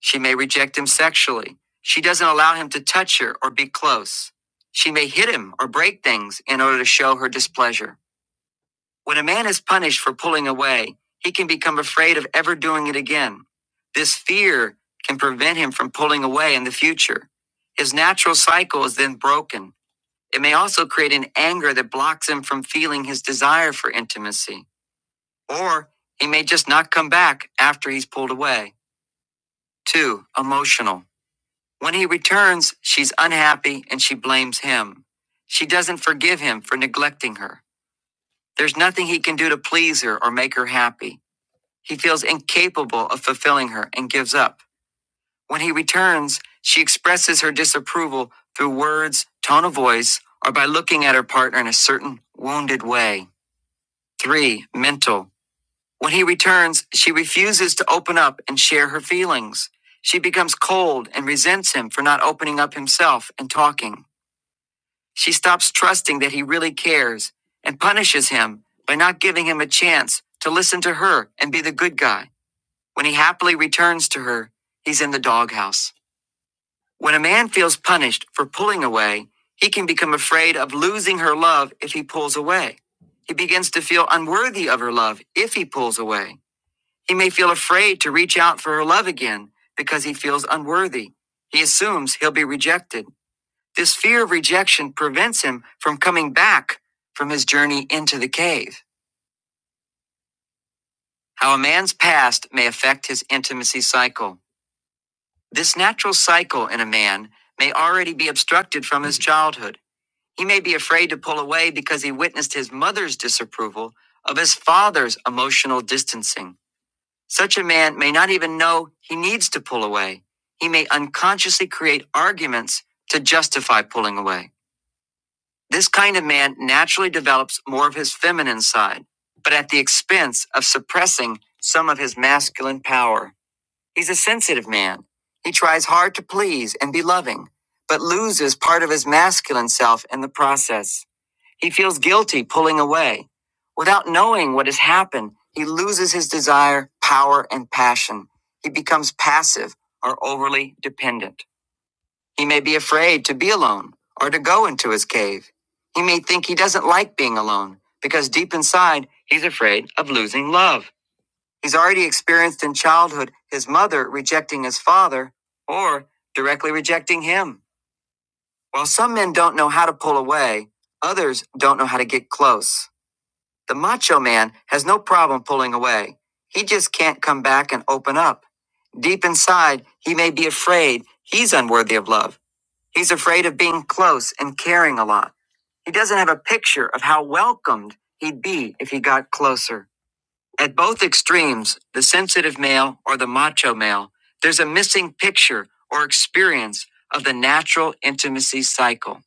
Speaker 2: She may reject him sexually. She doesn't allow him to touch her or be close. She may hit him or break things in order to show her displeasure. When a man is punished for pulling away, he can become afraid of ever doing it again. This fear can prevent him from pulling away in the future. His natural cycle is then broken. It may also create an anger that blocks him from feeling his desire for intimacy. Or he may just not come back after he's pulled away. 2. Emotional. When he returns, she's unhappy and she blames him. She doesn't forgive him for neglecting her. There's nothing he can do to please her or make her happy. He feels incapable of fulfilling her and gives up. When he returns, she expresses her disapproval through words, tone of voice, or by looking at her partner in a certain wounded way. Three, mental. When he returns, she refuses to open up and share her feelings. She becomes cold and resents him for not opening up himself and talking. She stops trusting that he really cares and punishes him by not giving him a chance to listen to her and be the good guy. When he happily returns to her, he's in the doghouse. When a man feels punished for pulling away, he can become afraid of losing her love if he pulls away. He begins to feel unworthy of her love if he pulls away. He may feel afraid to reach out for her love again because he feels unworthy. He assumes he'll be rejected. This fear of rejection prevents him from coming back from his journey into the cave. How a man's past may affect his intimacy cycle. This natural cycle in a man may already be obstructed from his childhood. He may be afraid to pull away because he witnessed his mother's disapproval of his father's emotional distancing. Such a man may not even know he needs to pull away. He may unconsciously create arguments to justify pulling away. This kind of man naturally develops more of his feminine side, but at the expense of suppressing some of his masculine power. He's a sensitive man. He tries hard to please and be loving, but loses part of his masculine self in the process. He feels guilty pulling away. Without knowing what has happened, he loses his desire, power, and passion. He becomes passive or overly dependent. He may be afraid to be alone or to go into his cave. He may think he doesn't like being alone because deep inside, he's afraid of losing love. He's already experienced in childhood his mother rejecting his father or directly rejecting him. While some men don't know how to pull away, others don't know how to get close. The macho man has no problem pulling away. He just can't come back and open up. Deep inside, he may be afraid he's unworthy of love He's afraid of being close and caring a lot. He doesn't have a picture of how welcomed he'd be if he got closer. At both extremes, the sensitive male or the macho male, there's a missing picture or experience of the natural intimacy cycle.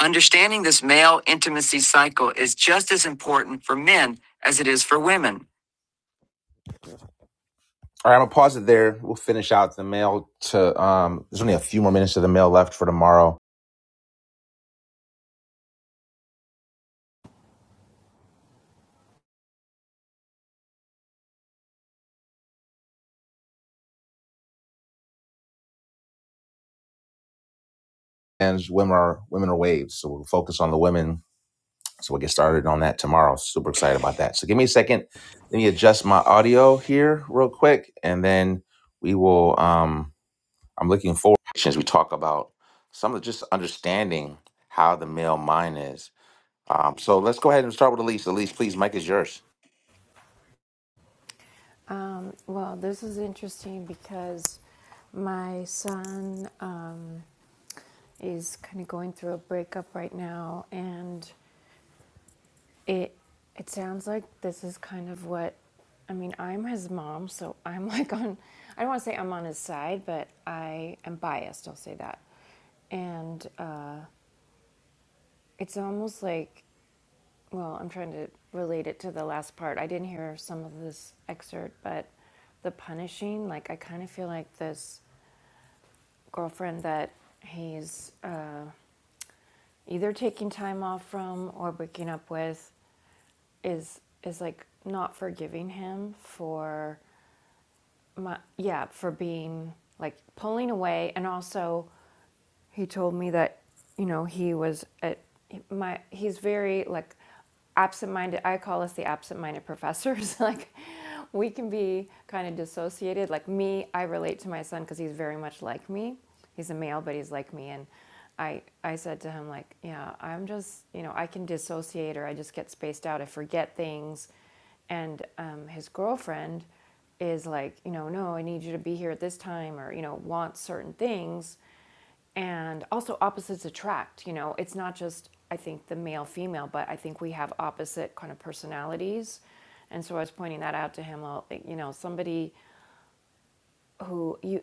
Speaker 2: Understanding this male intimacy cycle is just as important for men as it is for women. All right, I'm gonna pause it there. We'll finish out the mail to um there's only a few more minutes of the mail left for tomorrow. and women are women are waves. So we'll focus on the women. So we'll get started on that tomorrow. Super excited about that. So give me a second. Let me adjust my audio here real quick, and then we will. Um, I'm looking forward as we talk about some of just understanding how the male mind is. Um, so let's go ahead and start with Elise. Elise, please, Mike is yours.
Speaker 1: Um, well, this is interesting because my son. Um, is kind of going through a breakup right now and it it sounds like this is kind of what I mean, I'm his mom, so I'm [laughs] like on I don't want to say I'm on his side, but I am biased, I'll say that. And uh, it's almost like well, I'm trying to relate it to the last part. I didn't hear some of this excerpt, but the punishing, like I kind of feel like this girlfriend that he's uh, either taking time off from or breaking up with is is like not forgiving him for my yeah for being like pulling away and also he told me that you know he was at my he's very like absent-minded i call us the absent-minded professors [laughs] like we can be kind of dissociated like me i relate to my son because he's very much like me he's a male but he's like me and i i said to him like yeah i'm just you know i can dissociate or i just get spaced out i forget things and um, his girlfriend is like you know no i need you to be here at this time or you know wants certain things and also opposites attract you know it's not just i think the male female but i think we have opposite kind of personalities and so i was pointing that out to him well, you know somebody who you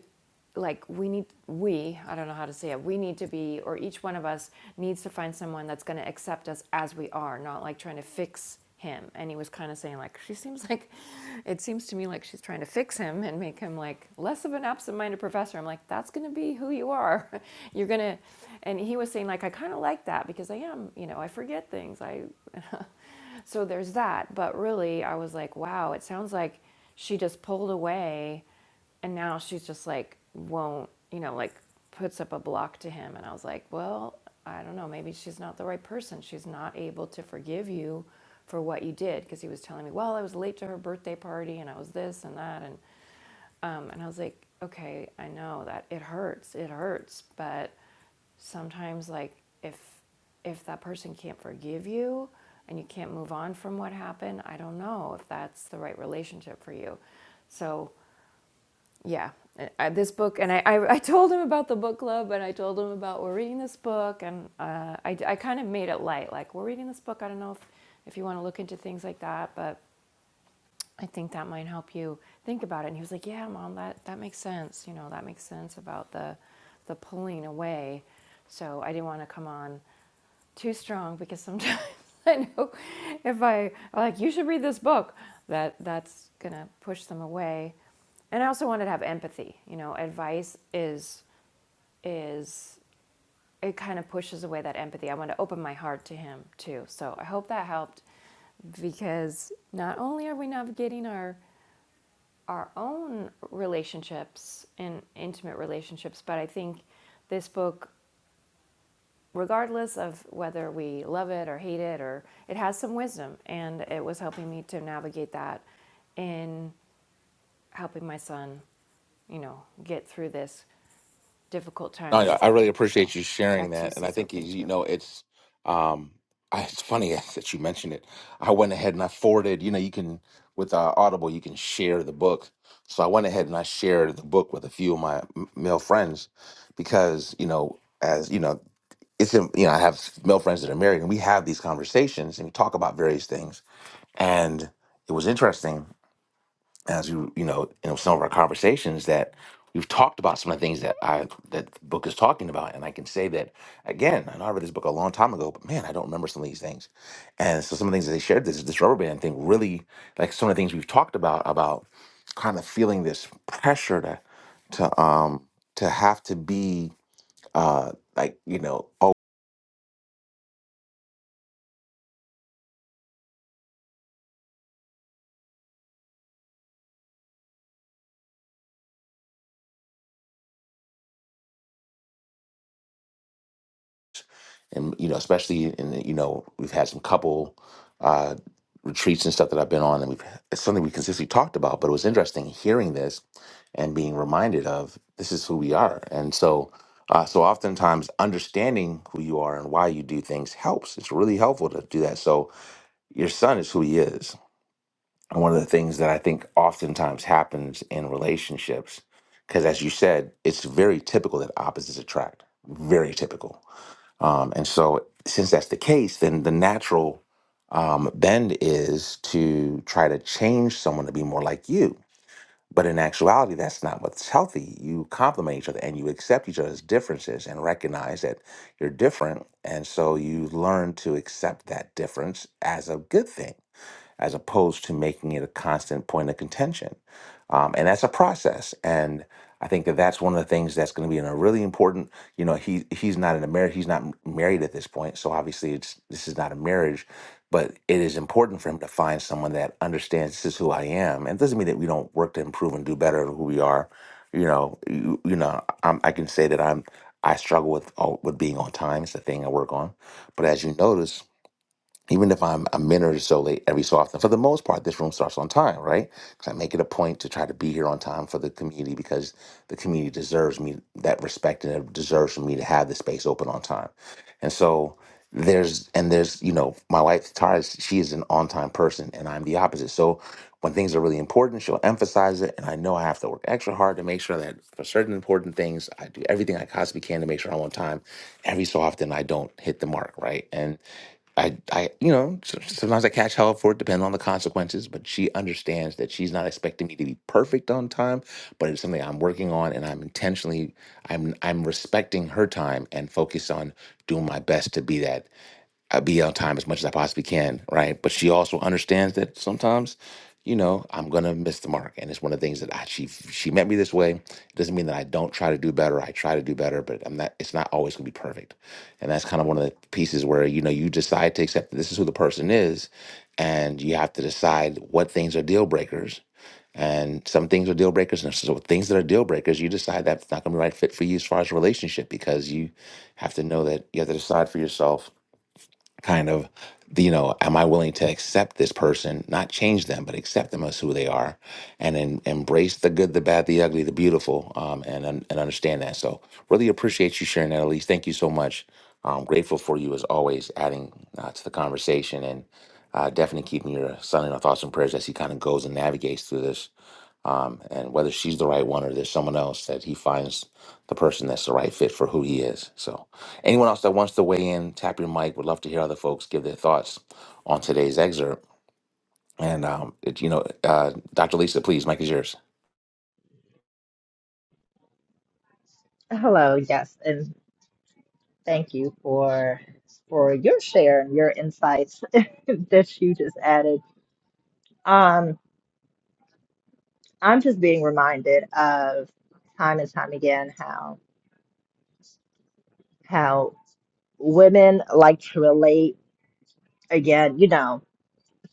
Speaker 1: like we need we i don't know how to say it we need to be or each one of us needs to find someone that's going to accept us as we are not like trying to fix him and he was kind of saying like she seems like it seems to me like she's trying to fix him and make him like less of an absent-minded professor i'm like that's going to be who you are [laughs] you're going to and he was saying like i kind of like that because i am you know i forget things i [laughs] so there's that but really i was like wow it sounds like she just pulled away and now she's just like, won't, you know, like puts up a block to him. And I was like, well, I don't know. Maybe she's not the right person. She's not able to forgive you for what you did. Because he was telling me, well, I was late to her birthday party and I was this and that. And, um, and I was like, okay, I know that it hurts. It hurts. But sometimes, like, if, if that person can't forgive you and you can't move on from what happened, I don't know if that's the right relationship for you. So, yeah I, this book and I, I i told him about the book club and i told him about we're reading this book and uh, i, I kind of made it light like we're reading this book i don't know if, if you want to look into things like that but i think that might help you think about it and he was like yeah mom that, that makes sense you know that makes sense about the the pulling away so i didn't want to come on too strong because sometimes [laughs] I know if I like you should read this book that that's gonna push them away. And I also wanted to have empathy. You know, advice is is it kind of pushes away that empathy. I want to open my heart to him too. So I hope that helped because not only are we navigating our our own relationships and intimate relationships, but I think this book regardless of whether we love it or hate it or it has some wisdom and it was helping me to navigate that in helping my son you know get through this difficult
Speaker 2: No,
Speaker 1: time
Speaker 2: I
Speaker 1: that he's
Speaker 2: I really
Speaker 1: having so
Speaker 2: appreciate you sharing
Speaker 1: back to you
Speaker 2: that, and I
Speaker 1: cecil
Speaker 2: think you
Speaker 1: thank
Speaker 2: you
Speaker 1: you
Speaker 2: know it's um, [laughs] I, it's funny [laughs] that you mentioned it. I went ahead and I forwarded. You know, you can with uh, Audible, you can share the book. So I went ahead and I shared the book with a few of my m- male friends because you know, as you know, it's in- you know I have male friends that are married, and we have these conversations and we talk about various things. And it was interesting as you you know in some of our conversations that we've talked about some of the things that I that the book is talking about, and I can say that again. I know I read this book a long time ago, but man, I don't remember some of these things. And so some of the things that they shared this this rubber band thing really like some of the things we've talked about about kind of feeling this pressure to to um to have to be uh like you know and you know especially in you know we've had some couple uh retreats and stuff that I've been on and we've it's something we consistently talked about but it was interesting hearing this and being reminded of this is who we are and so uh, so oftentimes understanding who you are and why you do things helps it's really helpful to do that so your son is who he is and one of the things that I think oftentimes happens in relationships because as you said it's very typical that opposites attract very typical um, and so, since that's the case, then the natural um, bend is to try to change someone to be more like you. But in actuality, that's not what's healthy. You complement each other and you accept each other's differences and recognize that you're different. And so you learn to accept that difference as a good thing as opposed to making it a constant point of contention. Um, and that's a process. And I think that that's one of the things that's going to be in a really important. You know, he he's not in a marriage. He's not m- married at this point, so obviously it's this is not a marriage. But it is important for him to find someone that understands this is who I am, and it doesn't mean that we don't work to improve and do better at who we are. You know, you, you know, I'm, I can say that I'm I struggle with oh, with being on time. It's a thing I work on. But as you notice, even if I'm a minute or so late every so often, for the most part, this room starts on time, right? Because I make it a point to try to be here on time for the community because the community deserves me that respect and it deserves for me to have the space open on time. And so there's, and there's, you know, my wife, Tara, she is an on time person and I'm the opposite. So when things are really important, she'll emphasize it. And I know I have to work extra hard to make sure that for certain important things, I do everything I possibly can to make sure I'm on time. Every so often, I don't hit the mark, right? And I, I, you know, so- sometimes I catch hell for it, depending on the consequences. But she understands that she's not expecting me to be perfect on time, but it's something I'm working on, and I'm intentionally, I'm, I'm respecting her time and focus on doing my best to be that. I be on time as much as I possibly can, right? But she also understands that sometimes, you know, I'm gonna miss the mark, and it's one of the things that I, she she met me this way. It doesn't mean that I don't try to do better. I try to do better, but I'm not. It's not always gonna be perfect, and that's kind of one of the pieces where you know you decide to accept that this is who the person is, and you have to decide what things are deal breakers. And some things are deal breakers, and so things that are deal breakers, you decide that's not going to be the right fit for you as far as a relationship because you have to know that you have to decide for yourself kind of you know am i willing to accept this person not change them but accept them as who they are and then embrace the good the bad the ugly the beautiful um, and un- and understand that so really appreciate you sharing that elise thank you so much i'm grateful for you as always adding uh, to the conversation and uh, definitely keeping your son in our thoughts and prayers as he kind of goes and navigates through this um, and whether she's the right one or there's someone else that he finds the person that's the right fit for who he is so Anyone else that wants to weigh in, tap your mic. Would love to hear other folks give their thoughts on today's excerpt. And um, it, you know, uh, Dr. Lisa, please, mic is yours.
Speaker 4: Hello, yes. And Thank you for for your share and your insights [laughs] that you just added. Um, I'm just being reminded of time and time again how how women like to relate again, you know,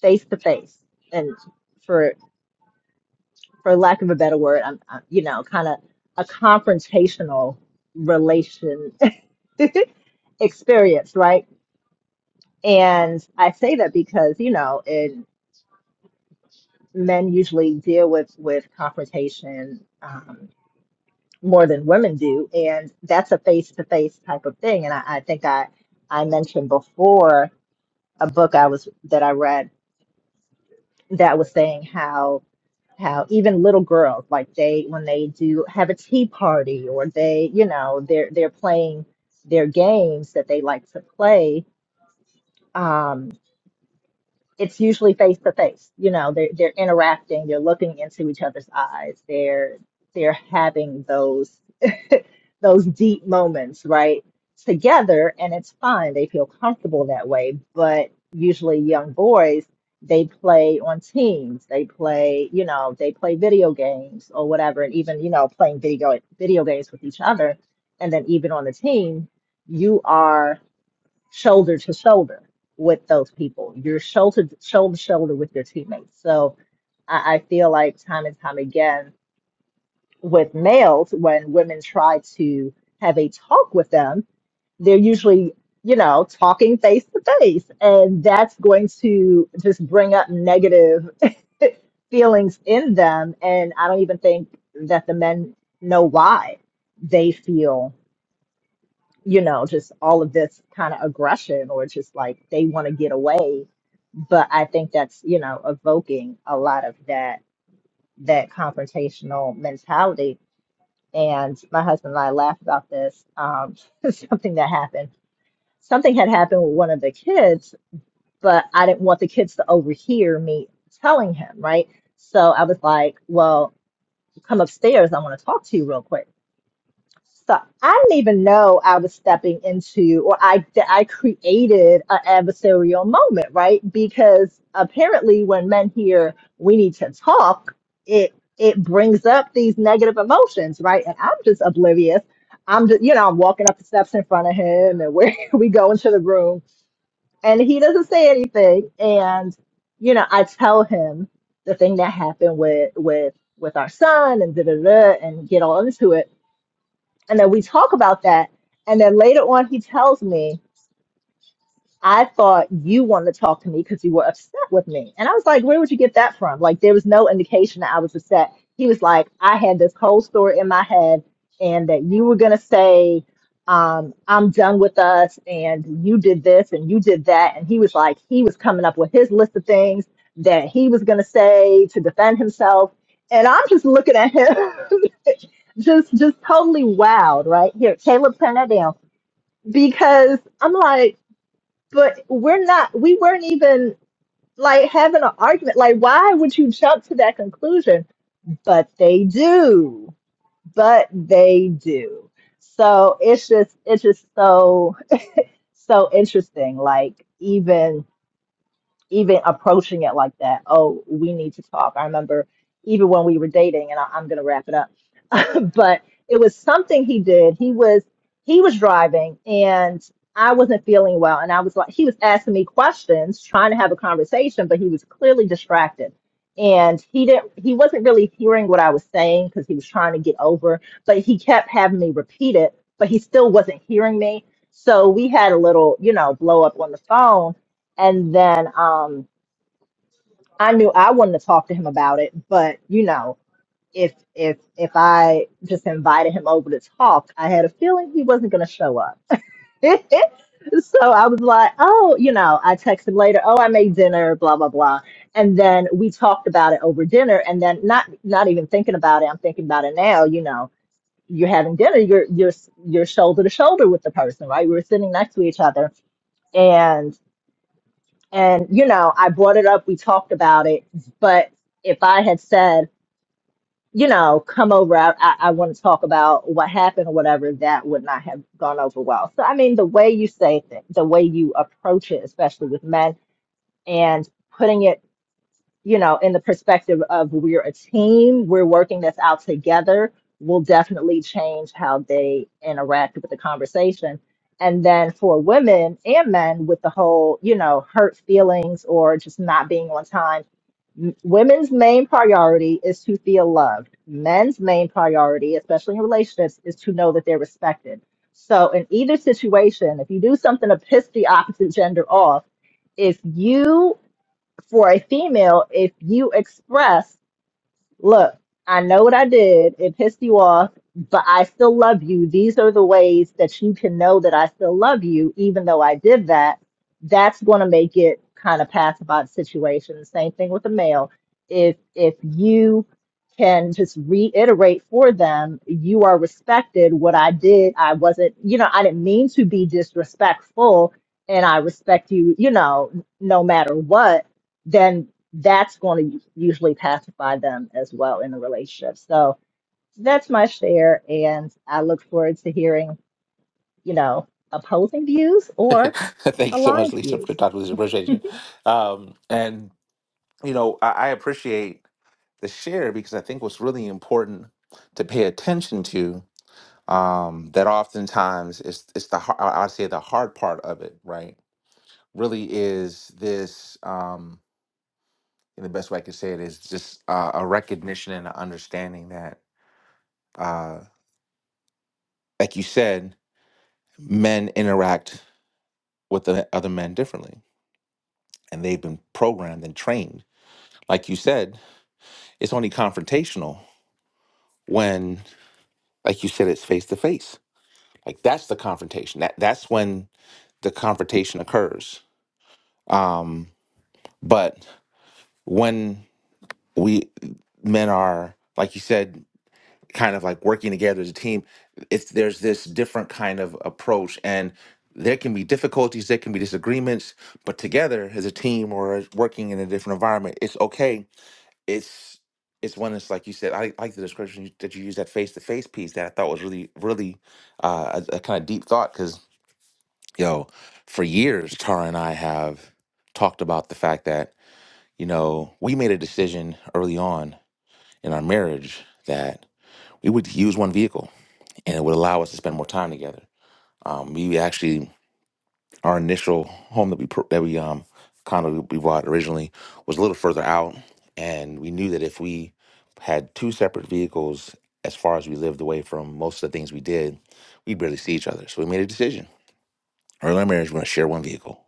Speaker 4: face to face, and for for lack of a better word, I'm, i you know, kind of a confrontational relation [laughs] experience, right? And I say that because you know, in men usually deal with with confrontation um, more than women do, and that's a face to face type of thing. And I, I think I I mentioned before a book I was that I read that was saying how how even little girls like they when they do have a tea party or they you know they're they're playing their games that they like to play um, it's usually face to face. You know, they're they're interacting, they're looking into each other's eyes, they're they're having those those deep moments, right? Together, and it's fine. They feel comfortable that way. But usually young boys, they play on teams. They play, you know, they play video games or whatever, and even, you know, playing video video games with each other. And then even on the team, you are shoulder to shoulder with those people. You're shoulder shoulder to shoulder with your teammates. So I, I feel like time and time again with males, when women try to have a talk with them, they're usually you know talking face to face, and that's going to just bring up negative [laughs] feelings in them. And I don't even think that the men know why they feel you know, just all of this kind of aggression or just like they want to get away. But I think that's, you know, evoking a lot of that that confrontational mentality. And my husband and I laughed about this. Um, [laughs] something that happened. Something had happened with one of the kids, but I didn't want the kids to overhear me telling him, right? So I was like, well, come upstairs. I want to talk to you real quick So I didn't even know I was stepping into, or I I created an adversarial moment, right? Because apparently, when men hear "we need to talk," it it brings up these negative emotions, right? And I'm just oblivious. I'm just, you know, I'm walking up the steps in front of him, and we [laughs] we go into the room, and he doesn't say anything. And you know, I tell him the thing that happened with with with our son, and da da da, and get all into it and then we talk about that and then later on he tells me I thought you wanted to talk to me because you were upset with me. And I was like, where would you get that from? Like, there was no indication that I was upset. He was like, I had this whole story in my head, and that you were going to say, um, I'm done with us, and you did this and you did that. And he was like, he was coming up with his list of things that he was going to say to defend himself. And I'm just looking at him, [laughs] just just totally wowed, right? Here, Caleb, turn that down because I'm like, but we're not we weren't even like having an argument like why would you jump to that conclusion but they do but they do so it's just it's just so so interesting like even even approaching it like that oh we need to talk i remember even when we were dating and I, i'm gonna wrap it up [laughs] but it was something he did. He was he was driving and I wasn't feeling well and I was like he was asking me questions, trying to have a conversation, but he was clearly distracted. And he didn't he wasn't really hearing what I was saying because he was trying to get over, but he kept having me repeat it, but he still wasn't hearing me. So we had a little, you know, blow up on the phone and then um I knew I wanted to talk to him about it, but you know, if if if I just invited him over to talk, I had a feeling he wasn't gonna show up. [laughs] so I was like, oh, you know, I texted later, oh, I made dinner, blah blah blah, and then we talked about it over dinner, and then not not even thinking about it, I'm thinking about it now, you know. You're having dinner. You're you're you're shoulder to shoulder with the person, right? We were sitting next to each other, and and you know, I brought it up. We talked about it, but if I had said you know, come over. I, I, I want to talk about what happened or whatever. That would not have gone over well. So, I mean, the way you say things, the way you approach it, especially with men, and putting it you know, in the perspective of we're a team, we're working this out together, will definitely change how they interact with the conversation. And then for women and men with the whole, you know, hurt feelings or just not being on time, m- women's main priority is to feel loved. Men's main priority, especially in relationships, is to know that they're respected. So in either situation, if you do something to piss the opposite gender off, if you for a female, if you express Look, I know what I did. It pissed you off, but I still love you. These are the ways that you can know that I still love you, even though I did that. That's going to make it kind of pass about situation. Same thing with the male. If if you can just reiterate for them, you are respected. What I did, I wasn't, you know, I didn't mean to be disrespectful, and I respect you, you know, no matter what. Then that's going to usually pacify them as well in the relationship. So that's my share, and I look forward to hearing, you know, opposing views
Speaker 2: [laughs]
Speaker 4: or
Speaker 2: Thank you so much,
Speaker 4: aligned
Speaker 2: Lisa.
Speaker 4: views.
Speaker 2: Dr. Lisa, appreciate you. Um, and you know, I, I appreciate the share because I think what's really important to pay attention to um, that oftentimes it's it's the har- I- I'd say the hard part of it, right? Really is this. Um, and the best way I can say it is just uh, a recognition and an understanding that uh, like you said, men interact with the other men differently, and they've been programmed and trained. Like you said, it's only confrontational when, like you said, it's face to face. Like that's the confrontation. That that's when the confrontation occurs. Um, but when we men are, like you said, kind of like working together as a team it's there's this different kind of approach and there can be difficulties there can be disagreements but together as a team or as working in a different environment it's okay it's it's one that's like you said i like the description you- that you used that face-to-face piece that i thought was really really uh, a, kind of deep thought because yo for years tara and i have talked about the fact that you know we made a decision early on in our marriage that we would use one vehicle and it would allow us to spend more time together. Um, we actually, our initial home that we pur- that we um condo we bought originally was a little further out, and we knew that if we had two separate vehicles as far as we lived away from most of the things we did, we barely see each other. So we made a decision. Early in our marriage, we're going to share one vehicle,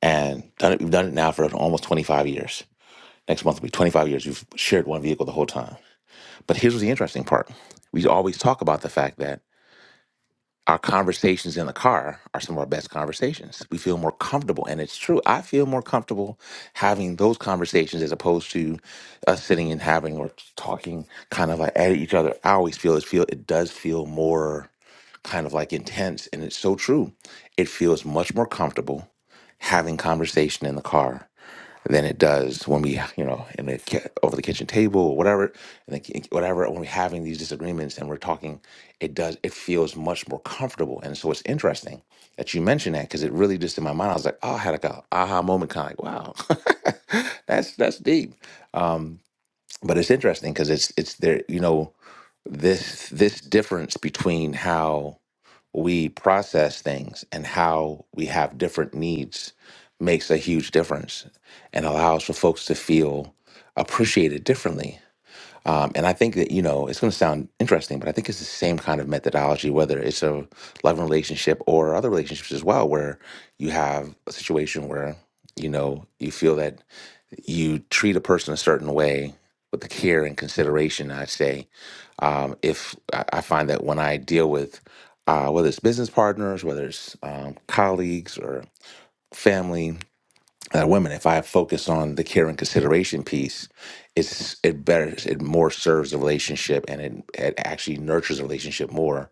Speaker 2: and done it. We've done it now for almost 25 years. Next month will be 25 years. We've shared one vehicle the whole time. But here's the interesting part: we always talk about the fact that Our conversations in the car are some of our best conversations. We feel more comfortable, and it's true. I feel more comfortable having those conversations as opposed to us sitting and having or talking kind of like at each other. I always feel it feel it does feel more kind of like intense, and it's so true. It feels much more comfortable having conversation in the car than it does when we, you know, in the ki- over the kitchen table or whatever, and then ki- whatever. When we're having these disagreements and we're talking, it does. It feels much more comfortable. And so it's interesting that you mentioned that because it really just in my mind, I was like, oh, I had like a aha moment, kind of like, wow, [laughs] that's that's deep. Um, but it's interesting because it's it's there, you know, this this difference between how we process things and how we have different needs makes a huge difference and allows for folks to feel appreciated differently. Um, and I think that, you know, it's going to sound interesting, but I think it's the same kind of methodology, whether it's a love relationship or other relationships as well, where you have a situation where, you know, you feel that you treat a person a certain way with the care and consideration i say um, if I, I find that when i deal with uh, whether it's business partners whether it's um, colleagues or family that women if i focus on the care and consideration piece it's it better it more serves the relationship and it, it actually nurtures the relationship more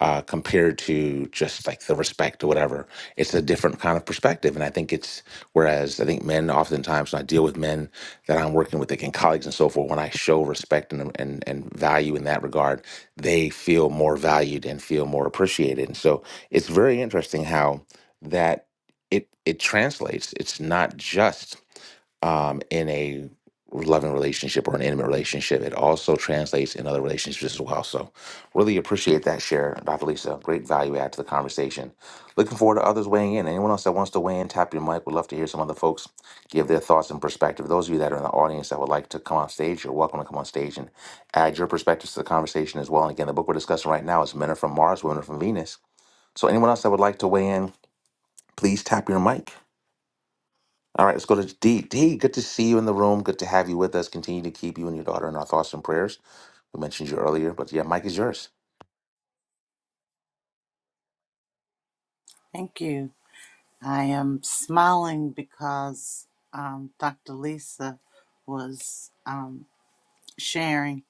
Speaker 2: uh, compared to just like the respect or whatever it's a different kind of perspective and i think it's whereas i think men oftentimes when i deal with men that i'm working with like and colleagues and so forth when i show respect and, and, and value in that regard they feel more valued and feel more appreciated and so it's very interesting how that it it translates. It's not just um, in a loving relationship or an intimate relationship. It also translates in other relationships as well. So, really appreciate that share, Dr. Lisa. Great value add to the conversation. Looking forward to others weighing in. Anyone else that wants to weigh in, tap your mic. We'd love to hear some other folks give their thoughts and perspective. Those of you that are in the audience that would like to come on stage, you're welcome to come on stage and add your perspectives to the conversation as well. And again, the book we're discussing right now is Men Are From Mars, Women Are From Venus. So, anyone else that would like to weigh in, please tap your mic. All right, let's go to D. D, good to see you in the room. Good to have you with us. Continue to keep you and your daughter in our thoughts and prayers. We mentioned you earlier, but yeah, Mike is yours.
Speaker 8: Thank you. I am smiling because um, Dr. Lisa was um, sharing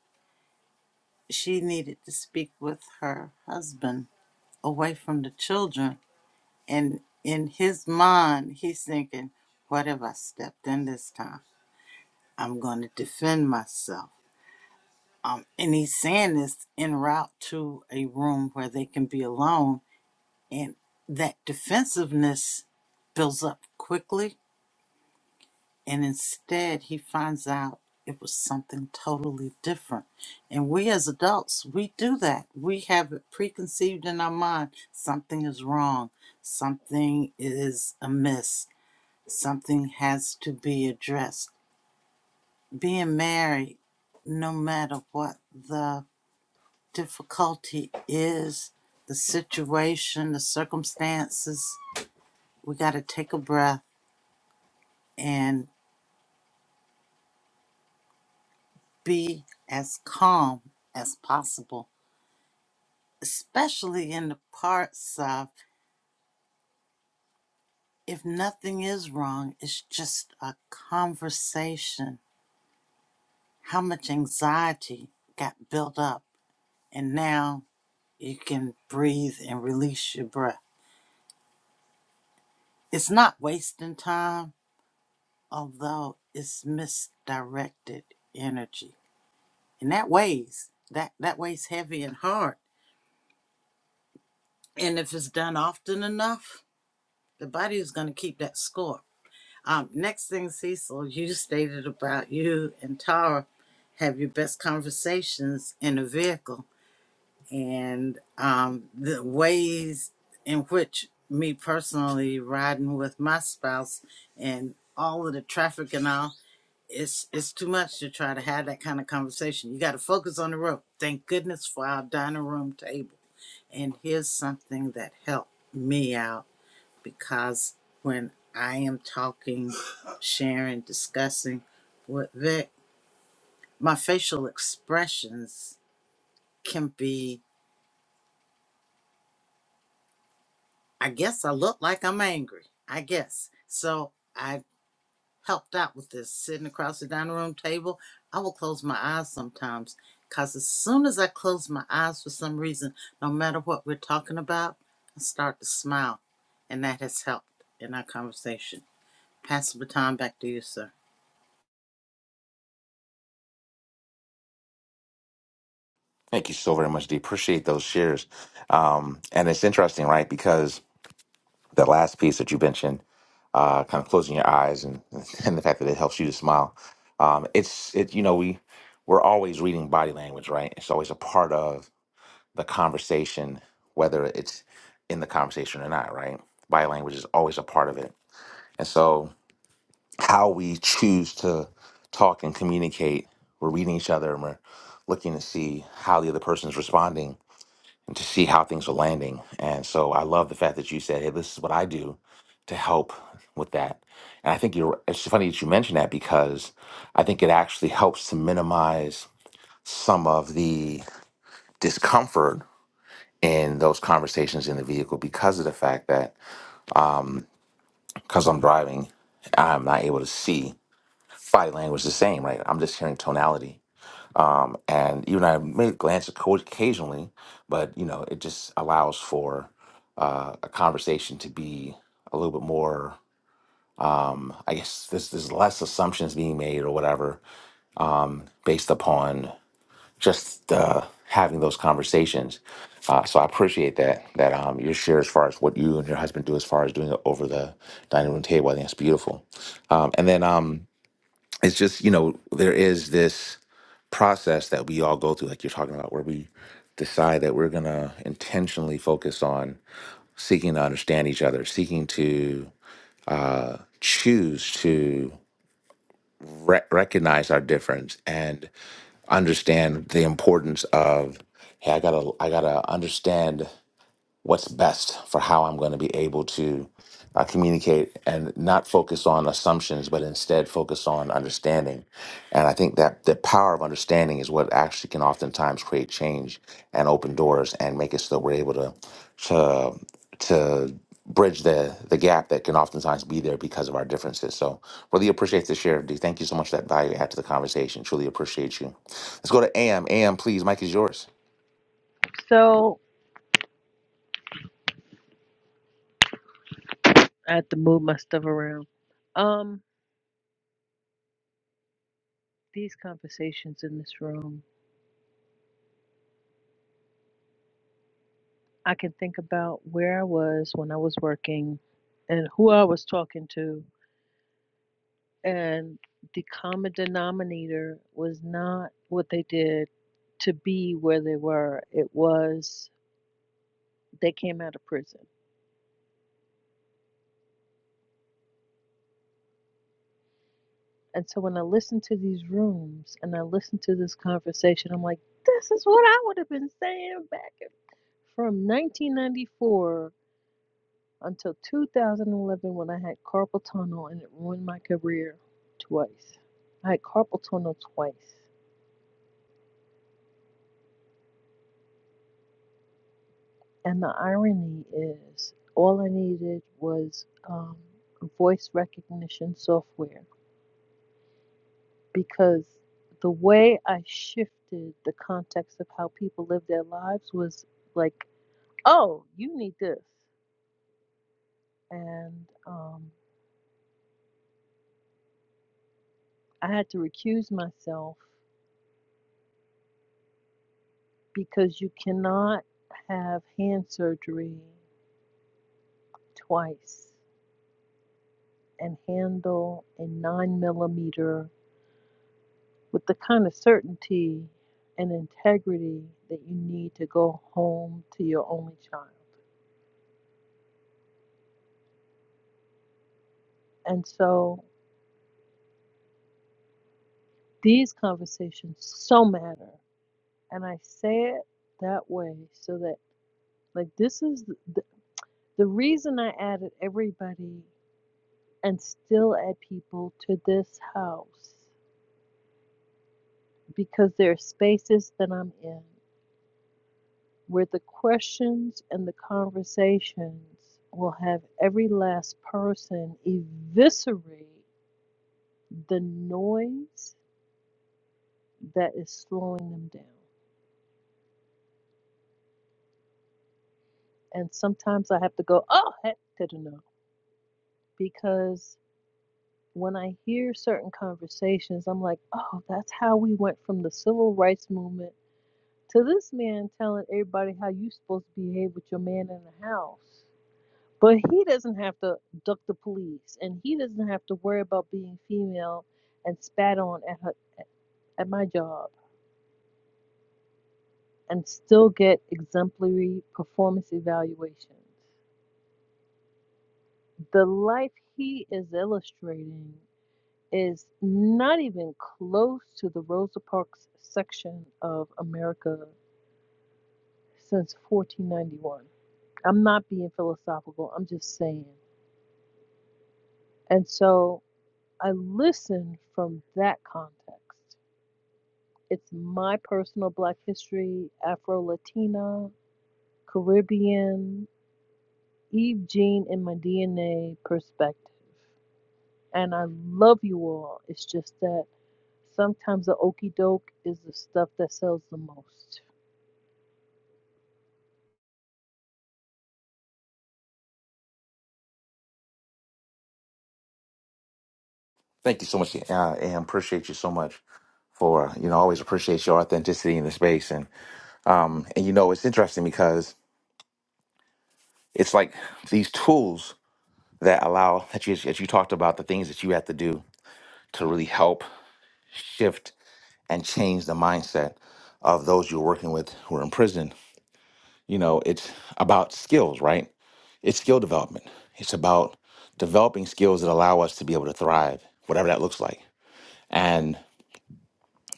Speaker 8: she needed to speak with her husband away from the children. And in his mind, he's thinking, What if I stepped in this time? I'm going to defend myself. Um, and he's saying this en route to a room where they can be alone. And that defensiveness builds up quickly And instead, he finds out it was something totally different. And we as adults, we do that. We have it preconceived in our mind something is wrong, something is amiss, something has to be addressed. Being married, no matter what the difficulty is, the situation, the circumstances, we got to take a breath and be as calm as possible especially in the parts of if nothing is wrong, it's just a conversation. How much anxiety got built up, and now you can breathe and release your breath. It's not wasting time, although it's misdirected energy. And that weighs, that, that weighs heavy and hard. And if it's done often enough, the body is going to keep that score Um, next thing, Cecil, you stated about you and Tara have your best conversations in a vehicle, and um, the ways in which me personally riding with my spouse and all of the traffic and all, it's it's too much to try to have that kind of conversation. You got to focus on the road. Thank goodness for our dining room table. And here's something that helped me out because when I am talking, sharing, discussing with Vic, my facial expressions can be, I guess I look like I'm angry. I guess. So I helped out with this sitting across the dining room table. I will close my eyes sometimes because as soon as I close my eyes for some reason, no matter what we're talking about, I start to smile. And that has helped in our conversation. Pass the baton back to you, sir.
Speaker 2: Thank you so very much, D. Appreciate those shares. Um, and it's interesting, right? Because the last piece that you mentioned, uh, kind of closing your eyes and, [laughs] and the fact that it helps you to smile. Um, it's it, you know, we we're always reading body language, right? It's always a part of the conversation, whether it's in the conversation or not, right? Body language is always a part of it. And so how we choose to talk and communicate. We're reading each other and we're looking to see how the other person's responding and to see how things are landing. And so I love the fact that you said, hey, this is what I do to help with that. And I think you're, it's funny that you mentioned that because I think it actually helps to minimize some of the discomfort in those conversations in the vehicle because of the fact that, because I'm driving, I'm not able to see body language the same, right? I'm just hearing tonality. and even I may glance at coach occasionally, but you know, it just allows for uh, a conversation to be a little bit more. Um, I guess there's there's less assumptions being made or whatever based upon just uh, having those conversations. Uh, so I appreciate that that um, your share as far as what you and your husband do as far as doing it over the dining room table. I think it's beautiful, um, and then um, it's just you know there is this. process that we all go through, like you're talking about, where we decide that we're going to intentionally focus on seeking to understand each other, seeking to uh, choose to re- recognize our difference and understand the importance of, hey, I gotta, I gotta understand what's best for how I'm going to be able to uh, communicate and not focus on assumptions, but instead focus on understanding. And I think that the power of understanding is what actually can oftentimes create change and open doors and make it so that we're able to to to bridge the the gap that can oftentimes be there because of our differences. So really appreciate the share, D. Thank you so much for that value add to the conversation. Truly appreciate you. Let's go to AM. AM, please. Mike is yours.
Speaker 9: So I had to move my stuff around. Um, these conversations in this room, I can think about where I was when I was working and who I was talking to. And the common denominator was not what they did to be where they were. It was they came out of prison. And so when I listen to these rooms and I listen to this conversation, I'm like, this is what I would have been saying back in- from 1994 until 2011 when I had carpal tunnel and it ruined my career twice. I had carpal tunnel twice. And the irony is, all I needed was um, voice recognition software because the way I shifted the context of how people live their lives was like, oh, you need this. And um, I had to recuse myself because you cannot have hand surgery twice and handle a nine millimeter with the kind of certainty and integrity that you need to go home to your only child. And so these conversations so matter. And I say it that way so that, like, this is the, the, reason I added everybody and still add people to this house because there are spaces that I'm in where the questions and the conversations will have every last person eviscerate the noise that is slowing them down. And sometimes I have to go, oh, heck to the no, because when I hear certain conversations, I'm like, oh, that's how we went from the civil rights movement to this man telling everybody how you are supposed to behave with your man in the house But he doesn't have to duck the police, and he doesn't have to worry about being female and spat on at her, at my job, and still get exemplary performance evaluations. The life he is illustrating is not even close to the Rosa Parks section of America since 1491. I'm not being philosophical. I'm just saying. And so I listen from that context It's my personal Black history, Afro Latina, Caribbean, Eve Jean in my DNA perspective. And I love you all. It's just that sometimes the okey doke is the stuff that sells the most.
Speaker 2: Thank you so much, uh, AM. Appreciate you so much. for you know I always appreciate your authenticity in the space and um and you know it's interesting because it's like these tools that allow that you that you talked about the things that you have to do to really help shift and change the mindset of those you're working with who are in prison you know it's about skills right it's skill development it's about developing skills that allow us to be able to thrive whatever that looks like and.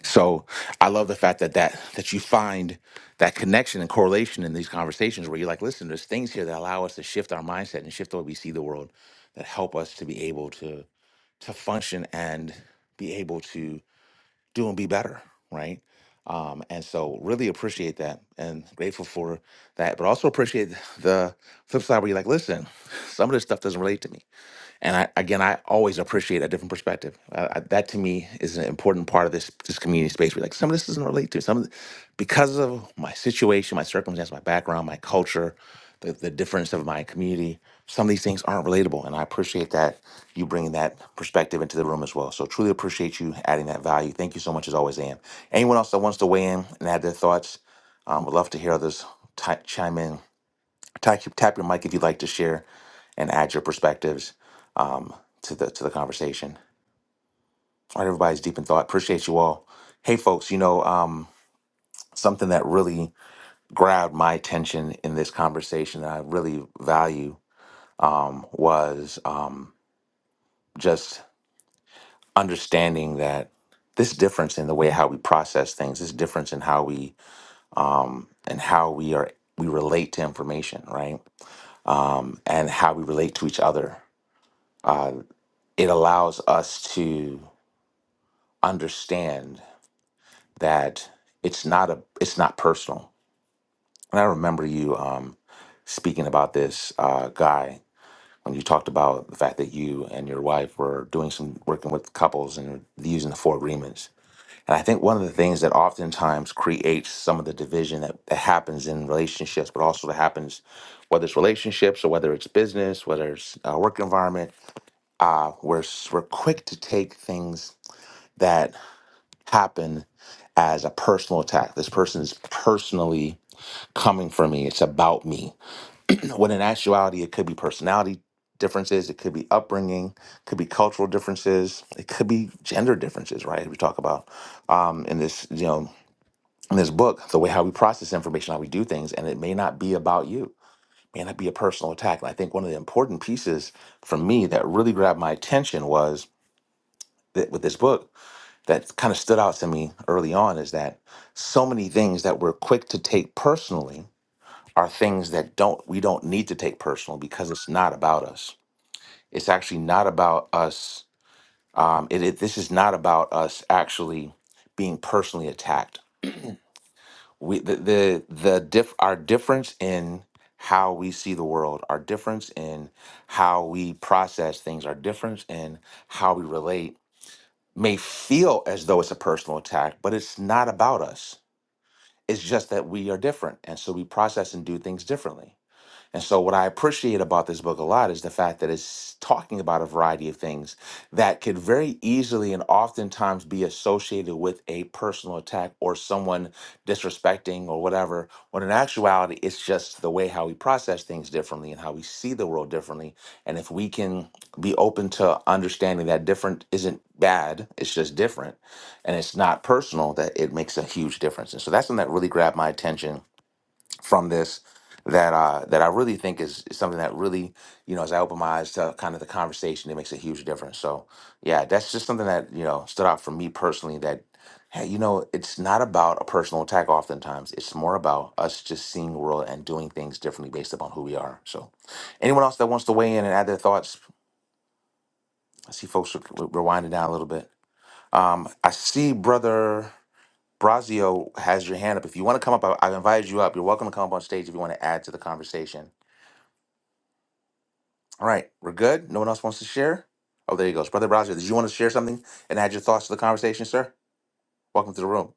Speaker 2: So I love the fact that that that you find that connection and correlation in these conversations where you're like, listen, there's things here that allow us to shift our mindset and shift the way we see the world that help us to be able to to function and be able to do and be better, right? Um, and so really appreciate that and grateful for that, but also appreciate the flip side where you're like, listen, some of this stuff doesn't relate to me and I, again, I always appreciate a different perspective. Uh, I, that to me is an important part of this this community space. Where like some of this doesn't relate to some of, the, because of my situation, my circumstance, my background, my culture, the, the difference of my community. Some of these things aren't relatable, and I appreciate that you bringing that perspective into the room as well. So truly appreciate you adding that value. Thank you so much as always, Am. Anyone else that wants to weigh in and add their thoughts, um, would love to hear others ti chime in. Tap, tap your mic if you'd like to share and add your perspectives um, to the to the conversation. All right, everybody's deep in thought. Appreciate you all. Hey, folks, you know um, something that really grabbed my attention in this conversation that I really value um, was um, just understanding that this difference in the way how we process things, this difference in how we um, and how we are we relate to information, right? Um, and how we relate to each other. uh, it allows us to understand that it's not a it's not personal. And I remember you um, speaking about this uh, guy when you talked about the fact that you and your wife were doing some working with couples and using the four agreements. And I think one of the things that oftentimes creates some of the division that, that happens in relationships, but also that happens whether it's relationships or whether it's business, whether it's a work environment, uh, we're, s- we're quick to take things that happen as a personal attack. This person is personally coming for me. It's about me. When in actuality, it could be personality differences, it could be upbringing, could be cultural differences, it could be gender differences, right? We talk about um, in this, you know, in this book, the way how we process information, how we do things, and it may not be about you. It May not be a personal attack. And I think one of the important pieces for me that really grabbed my attention was that with this book that kind of stood out to me early on is that so many things that we're quick to take personally are things that don't we don't need to take personal because it's not about us. It's actually not about us. Um, it, it this is not about us actually being personally attacked. We the the, the diff, our difference in how we see the world, our difference in how we process things, our difference in how we relate may feel as though it's a personal attack, but it's not about us It's just that we are different. And so we process and do things differently. And so, what I appreciate about this book a lot is the fact that it's talking about a variety of things that could very easily and oftentimes be associated with a personal attack or someone disrespecting or whatever, when in actuality, it's just the way how we process things differently and how we see the world differently. And if we can be open to understanding that different isn't bad, it's just different and it's not personal, that it makes a huge difference. And so, that's something that really grabbed my attention from this that uh that I really think is, is something that really you know as I open my eyes to kind of the conversation it makes a huge difference so yeah that's just something that you know stood out for me personally that hey you know it's not about a personal attack oftentimes it's more about us just seeing the world and doing things differently based upon who we are so anyone else that wants to weigh in and add their thoughts I see folks re- re- rewinding down a little bit um I see brother Brazio has your hand up if you want to come up I, I've invited you up you're welcome to come up on stage if you want to add to the conversation All right, we're good. No one else wants to share. Oh, there he goes, brother Roger. Did you want to share something and add your thoughts to the conversation, sir? Welcome to the room.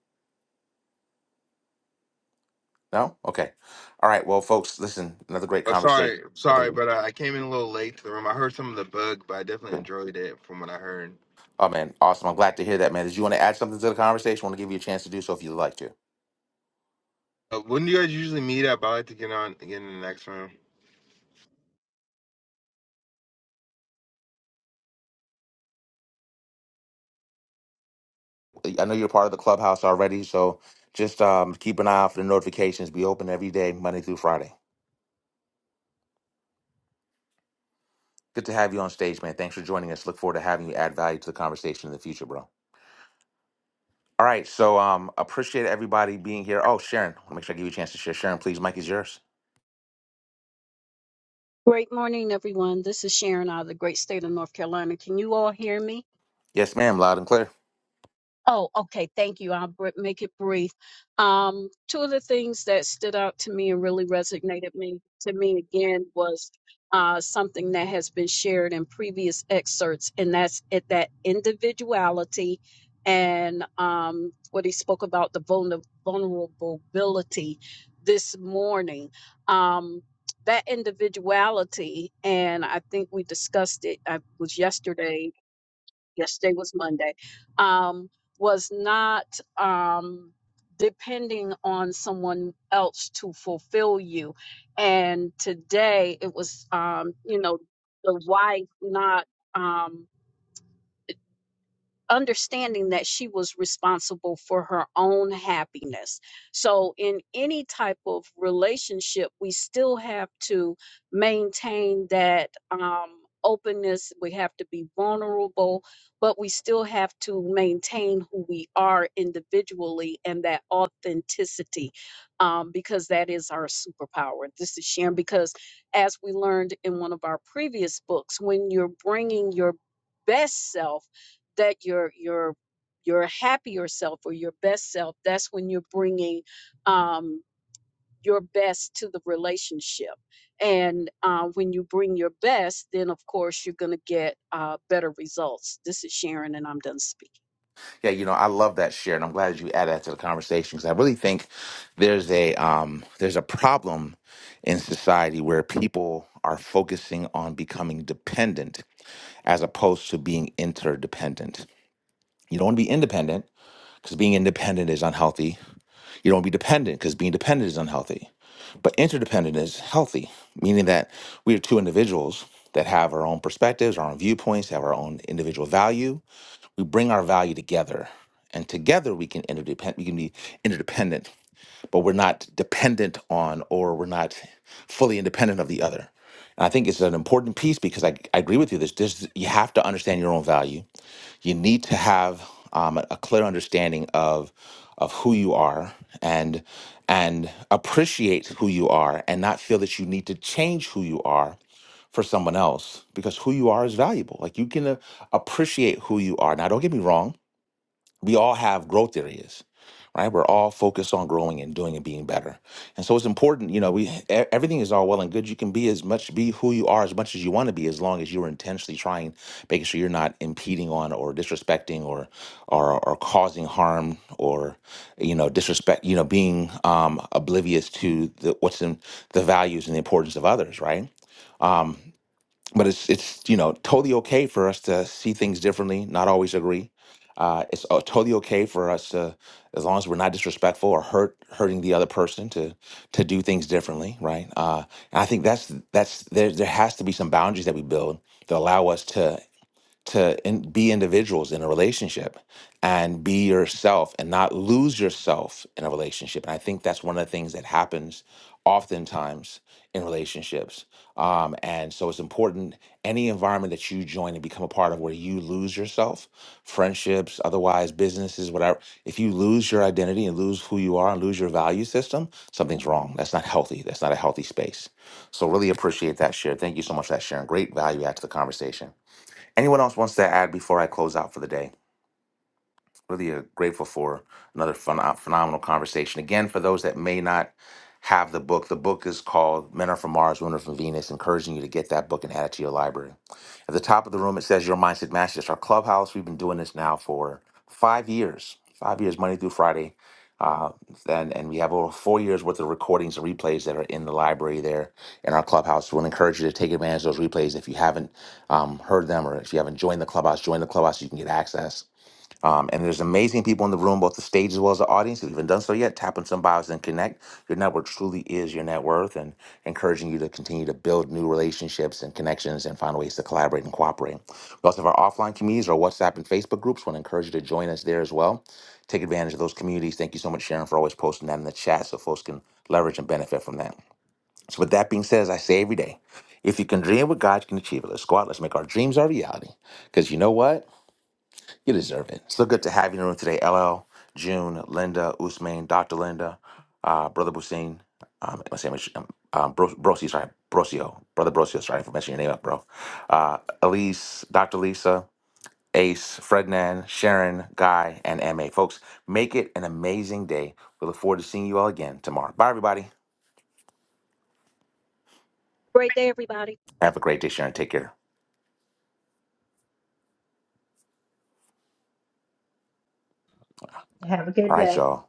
Speaker 2: No, okay. All right, well, folks, listen. Another great
Speaker 10: Oh,
Speaker 2: conversation.
Speaker 10: sorry,
Speaker 2: I think. it
Speaker 10: sorry,
Speaker 2: was
Speaker 10: but uh, I came in a little late to the room. I heard some of the bug, but I definitely
Speaker 2: good.
Speaker 10: enjoyed it from what I heard.
Speaker 2: Oh man, awesome! I'm glad to hear that, man. Did you want to add something to the conversation? I want to give you a chance to do so if you'd like to.
Speaker 10: Uh, when do you guys usually meet up? I like to get on, get in the next room.
Speaker 2: I know you're part of the clubhouse already, so just um, keep an eye out for the notifications. Be open every day, Monday through Friday. Good to have you on stage, man. Thanks for joining us. Look forward to having you add value to the conversation in the future, bro. All right, so um, appreciate everybody being here. Oh, Sharon, I want to make sure I give you a chance to share. Sharon, please, Mike is yours.
Speaker 7: Great morning, everyone. This is Sharon out of the great state of North Carolina. Can you all hear me?
Speaker 2: Yes, ma'am, loud and clear.
Speaker 7: Oh, okay. Thank you. I'll br- make it brief. Um, two of the things that stood out to me and really resonated me to me again was uh, something that has been shared in previous excerpts, and that's it, that individuality and um, what he spoke about the vulner- vulnerability this morning. Um, that individuality, and I think we discussed it. I was yesterday yesterday was Monday, um, was not um, depending on someone else to fulfill you. And today it was, um, you know, the wife not. Um, understanding that she was responsible for her own happiness. So, in any type of relationship, we still have to maintain that um, openness. We have to be vulnerable, but we still have to maintain who we are individually and that authenticity um, because that is our superpower. This is Sharon, because as we learned in one of our previous books, when you're bringing your best self, that your your your happier self or your best self that's when you're bringing um your best to the relationship and uh, when you bring your best then of course you're going to get uh, better results this is sharon and i'm done speaking
Speaker 2: Yeah, you know, I love that, Sharon. I'm glad you added that to the conversation because I really think there's a um, there's a problem in society where people are focusing on becoming dependent as opposed to being interdependent. You don't want to be independent because being independent is unhealthy You don't be dependent because being dependent is unhealthy. But interdependent is healthy, meaning that we are two individuals that have our own perspectives, our own viewpoints, have our own individual value. We bring our value together, and together we can interdepend. We can be interdependent, but we're not dependent on, or we're not fully independent of the other. And I think it's an important piece because I, I agree with you. This, this you have to understand your own value you need to have um, a clear understanding of of who you are and and appreciate who you are and not feel that you need to change who you are for someone else because who you are is valuable like you can uh, appreciate who you are now don't get me wrong we all have growth areas right we're all focused on growing and doing and being better and so it's important you know we e- everything is all well and good you can be as much be who you are as much as you want to be as long as you're intentionally trying making sure you're not impeding on or disrespecting or or, or causing harm or you know disrespect you know being um, oblivious to the, what's in the values and the importance of others right Um, but it's it's you know totally okay for us to see things differently, not always agree. Uh, it's uh, totally okay for us to, as long as we're not disrespectful or hurt hurting the other person, to to do things differently, right? Uh, and I think that's that's there. There has to be some boundaries that we build that allow us to to in, be individuals in a relationship and be yourself and not lose yourself in a relationship. And I think that's one of the things that happens oftentimes in relationships. Um, and so it's important any environment that you join and become a part of where you lose yourself, friendships, otherwise businesses, whatever. If you lose your identity and lose who you are and lose your value system, something's wrong. That's not healthy. That's not a healthy space. So really appreciate that share. Thank you so much for that sharing. Great value add to the conversation. Anyone else wants to add before I close out for the day? really uh, grateful for another phen- phenomenal conversation. Again, for those that may not have the book, the book is called Men Are From Mars, Women Are From Venus, encouraging you to get that book and add it to your library. At the top of the room, it says Your Mindset Matters. Our clubhouse, we've been doing this now for five years, five years, Monday through Friday. Uh, and, and we have over four years worth of recordings and replays that are in the library there in our clubhouse. We'll encourage you to take advantage of those replays if you haven't um, heard them or if you haven't joined the clubhouse, join the clubhouse. so You can get access. Um, and there's amazing people in the room, both the stage as well as the audience. If you haven't done so yet, tap on some bios and connect. Your network truly is your net worth, and encouraging you to continue to build new relationships and connections and find ways to collaborate and cooperate. We also have our offline communities, our WhatsApp and Facebook groups. Want to encourage you to join us there as well. Take advantage of those communities. Thank you so much, Sharon, for always posting that in the chat so folks can leverage and benefit from that. So, with that being said, as I say every day, if you can dream what God can achieve it, let's go out, let's make our dreams our reality. Because you know what? You deserve it. So good to have you in the room today, LL, June, Linda, Usman, Dr. Linda, uh, Brother Busin, um, I'm saying, um, um, Bro- Brosi, sorry, Brosio, Brother Brosio, sorry for messing your name up, bro. Uh, Elise, Dr. Lisa, Ace, Frednan, Sharon, Guy, and MA. Folks, make it an amazing day. We look forward to seeing you all again tomorrow. Bye, everybody. Have a great day, Sharon. Take care.
Speaker 4: Have a good
Speaker 2: All right,
Speaker 4: day.
Speaker 2: y'all.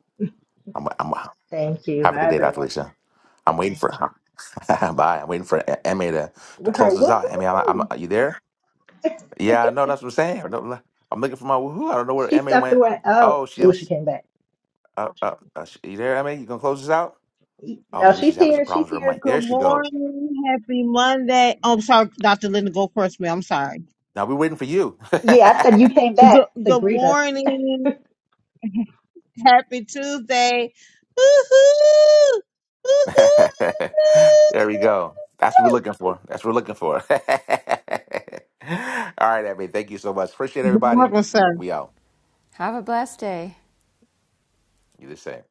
Speaker 2: I'm, I'm,
Speaker 4: Thank you.
Speaker 2: have a
Speaker 4: Bye,
Speaker 2: good day, Dr.
Speaker 4: everyone.
Speaker 2: Lisa. I'm waiting for [laughs] Bye. I'm waiting for E-, Emmy to, to close this
Speaker 4: Woohoo!
Speaker 2: out. Emmy, I'm, I'm,
Speaker 4: woohoo.
Speaker 2: are you there?
Speaker 4: [laughs]
Speaker 2: Yeah, no, that's what I'm saying. I don't- I'm looking for my woohoo. I don't know where
Speaker 4: she
Speaker 2: Emmy
Speaker 4: stepped
Speaker 2: went.
Speaker 4: away. Oh,
Speaker 2: Oh, she
Speaker 4: oh, she
Speaker 2: was.
Speaker 4: came back.
Speaker 2: Uh, uh, uh, sh- you there, Emmy? You gonna close this out? Oh,
Speaker 4: No,
Speaker 2: maybe she's
Speaker 4: she's
Speaker 2: having some
Speaker 4: here. She's
Speaker 2: problems with her mic.
Speaker 4: here.
Speaker 3: Good
Speaker 2: There she goes.
Speaker 3: morning. Happy Monday. Oh, I'm sorry, Dr. Linda, go first, madam I'm sorry.
Speaker 2: Now we're waiting for you.
Speaker 4: Yeah, I said you came
Speaker 3: Good,
Speaker 4: back to
Speaker 3: good
Speaker 4: greet us.
Speaker 3: morning. Happy Tuesday. Woo hoo! Woohoo!
Speaker 2: [laughs]
Speaker 3: Woohoo!
Speaker 2: there we go. That's what we're looking for. That's what we're looking for. [laughs] All right, Emmy. Thank you so much. Appreciate
Speaker 3: You're
Speaker 2: everybody.
Speaker 3: welcome, sir.
Speaker 2: We out.
Speaker 1: have a blessed day
Speaker 2: You the same.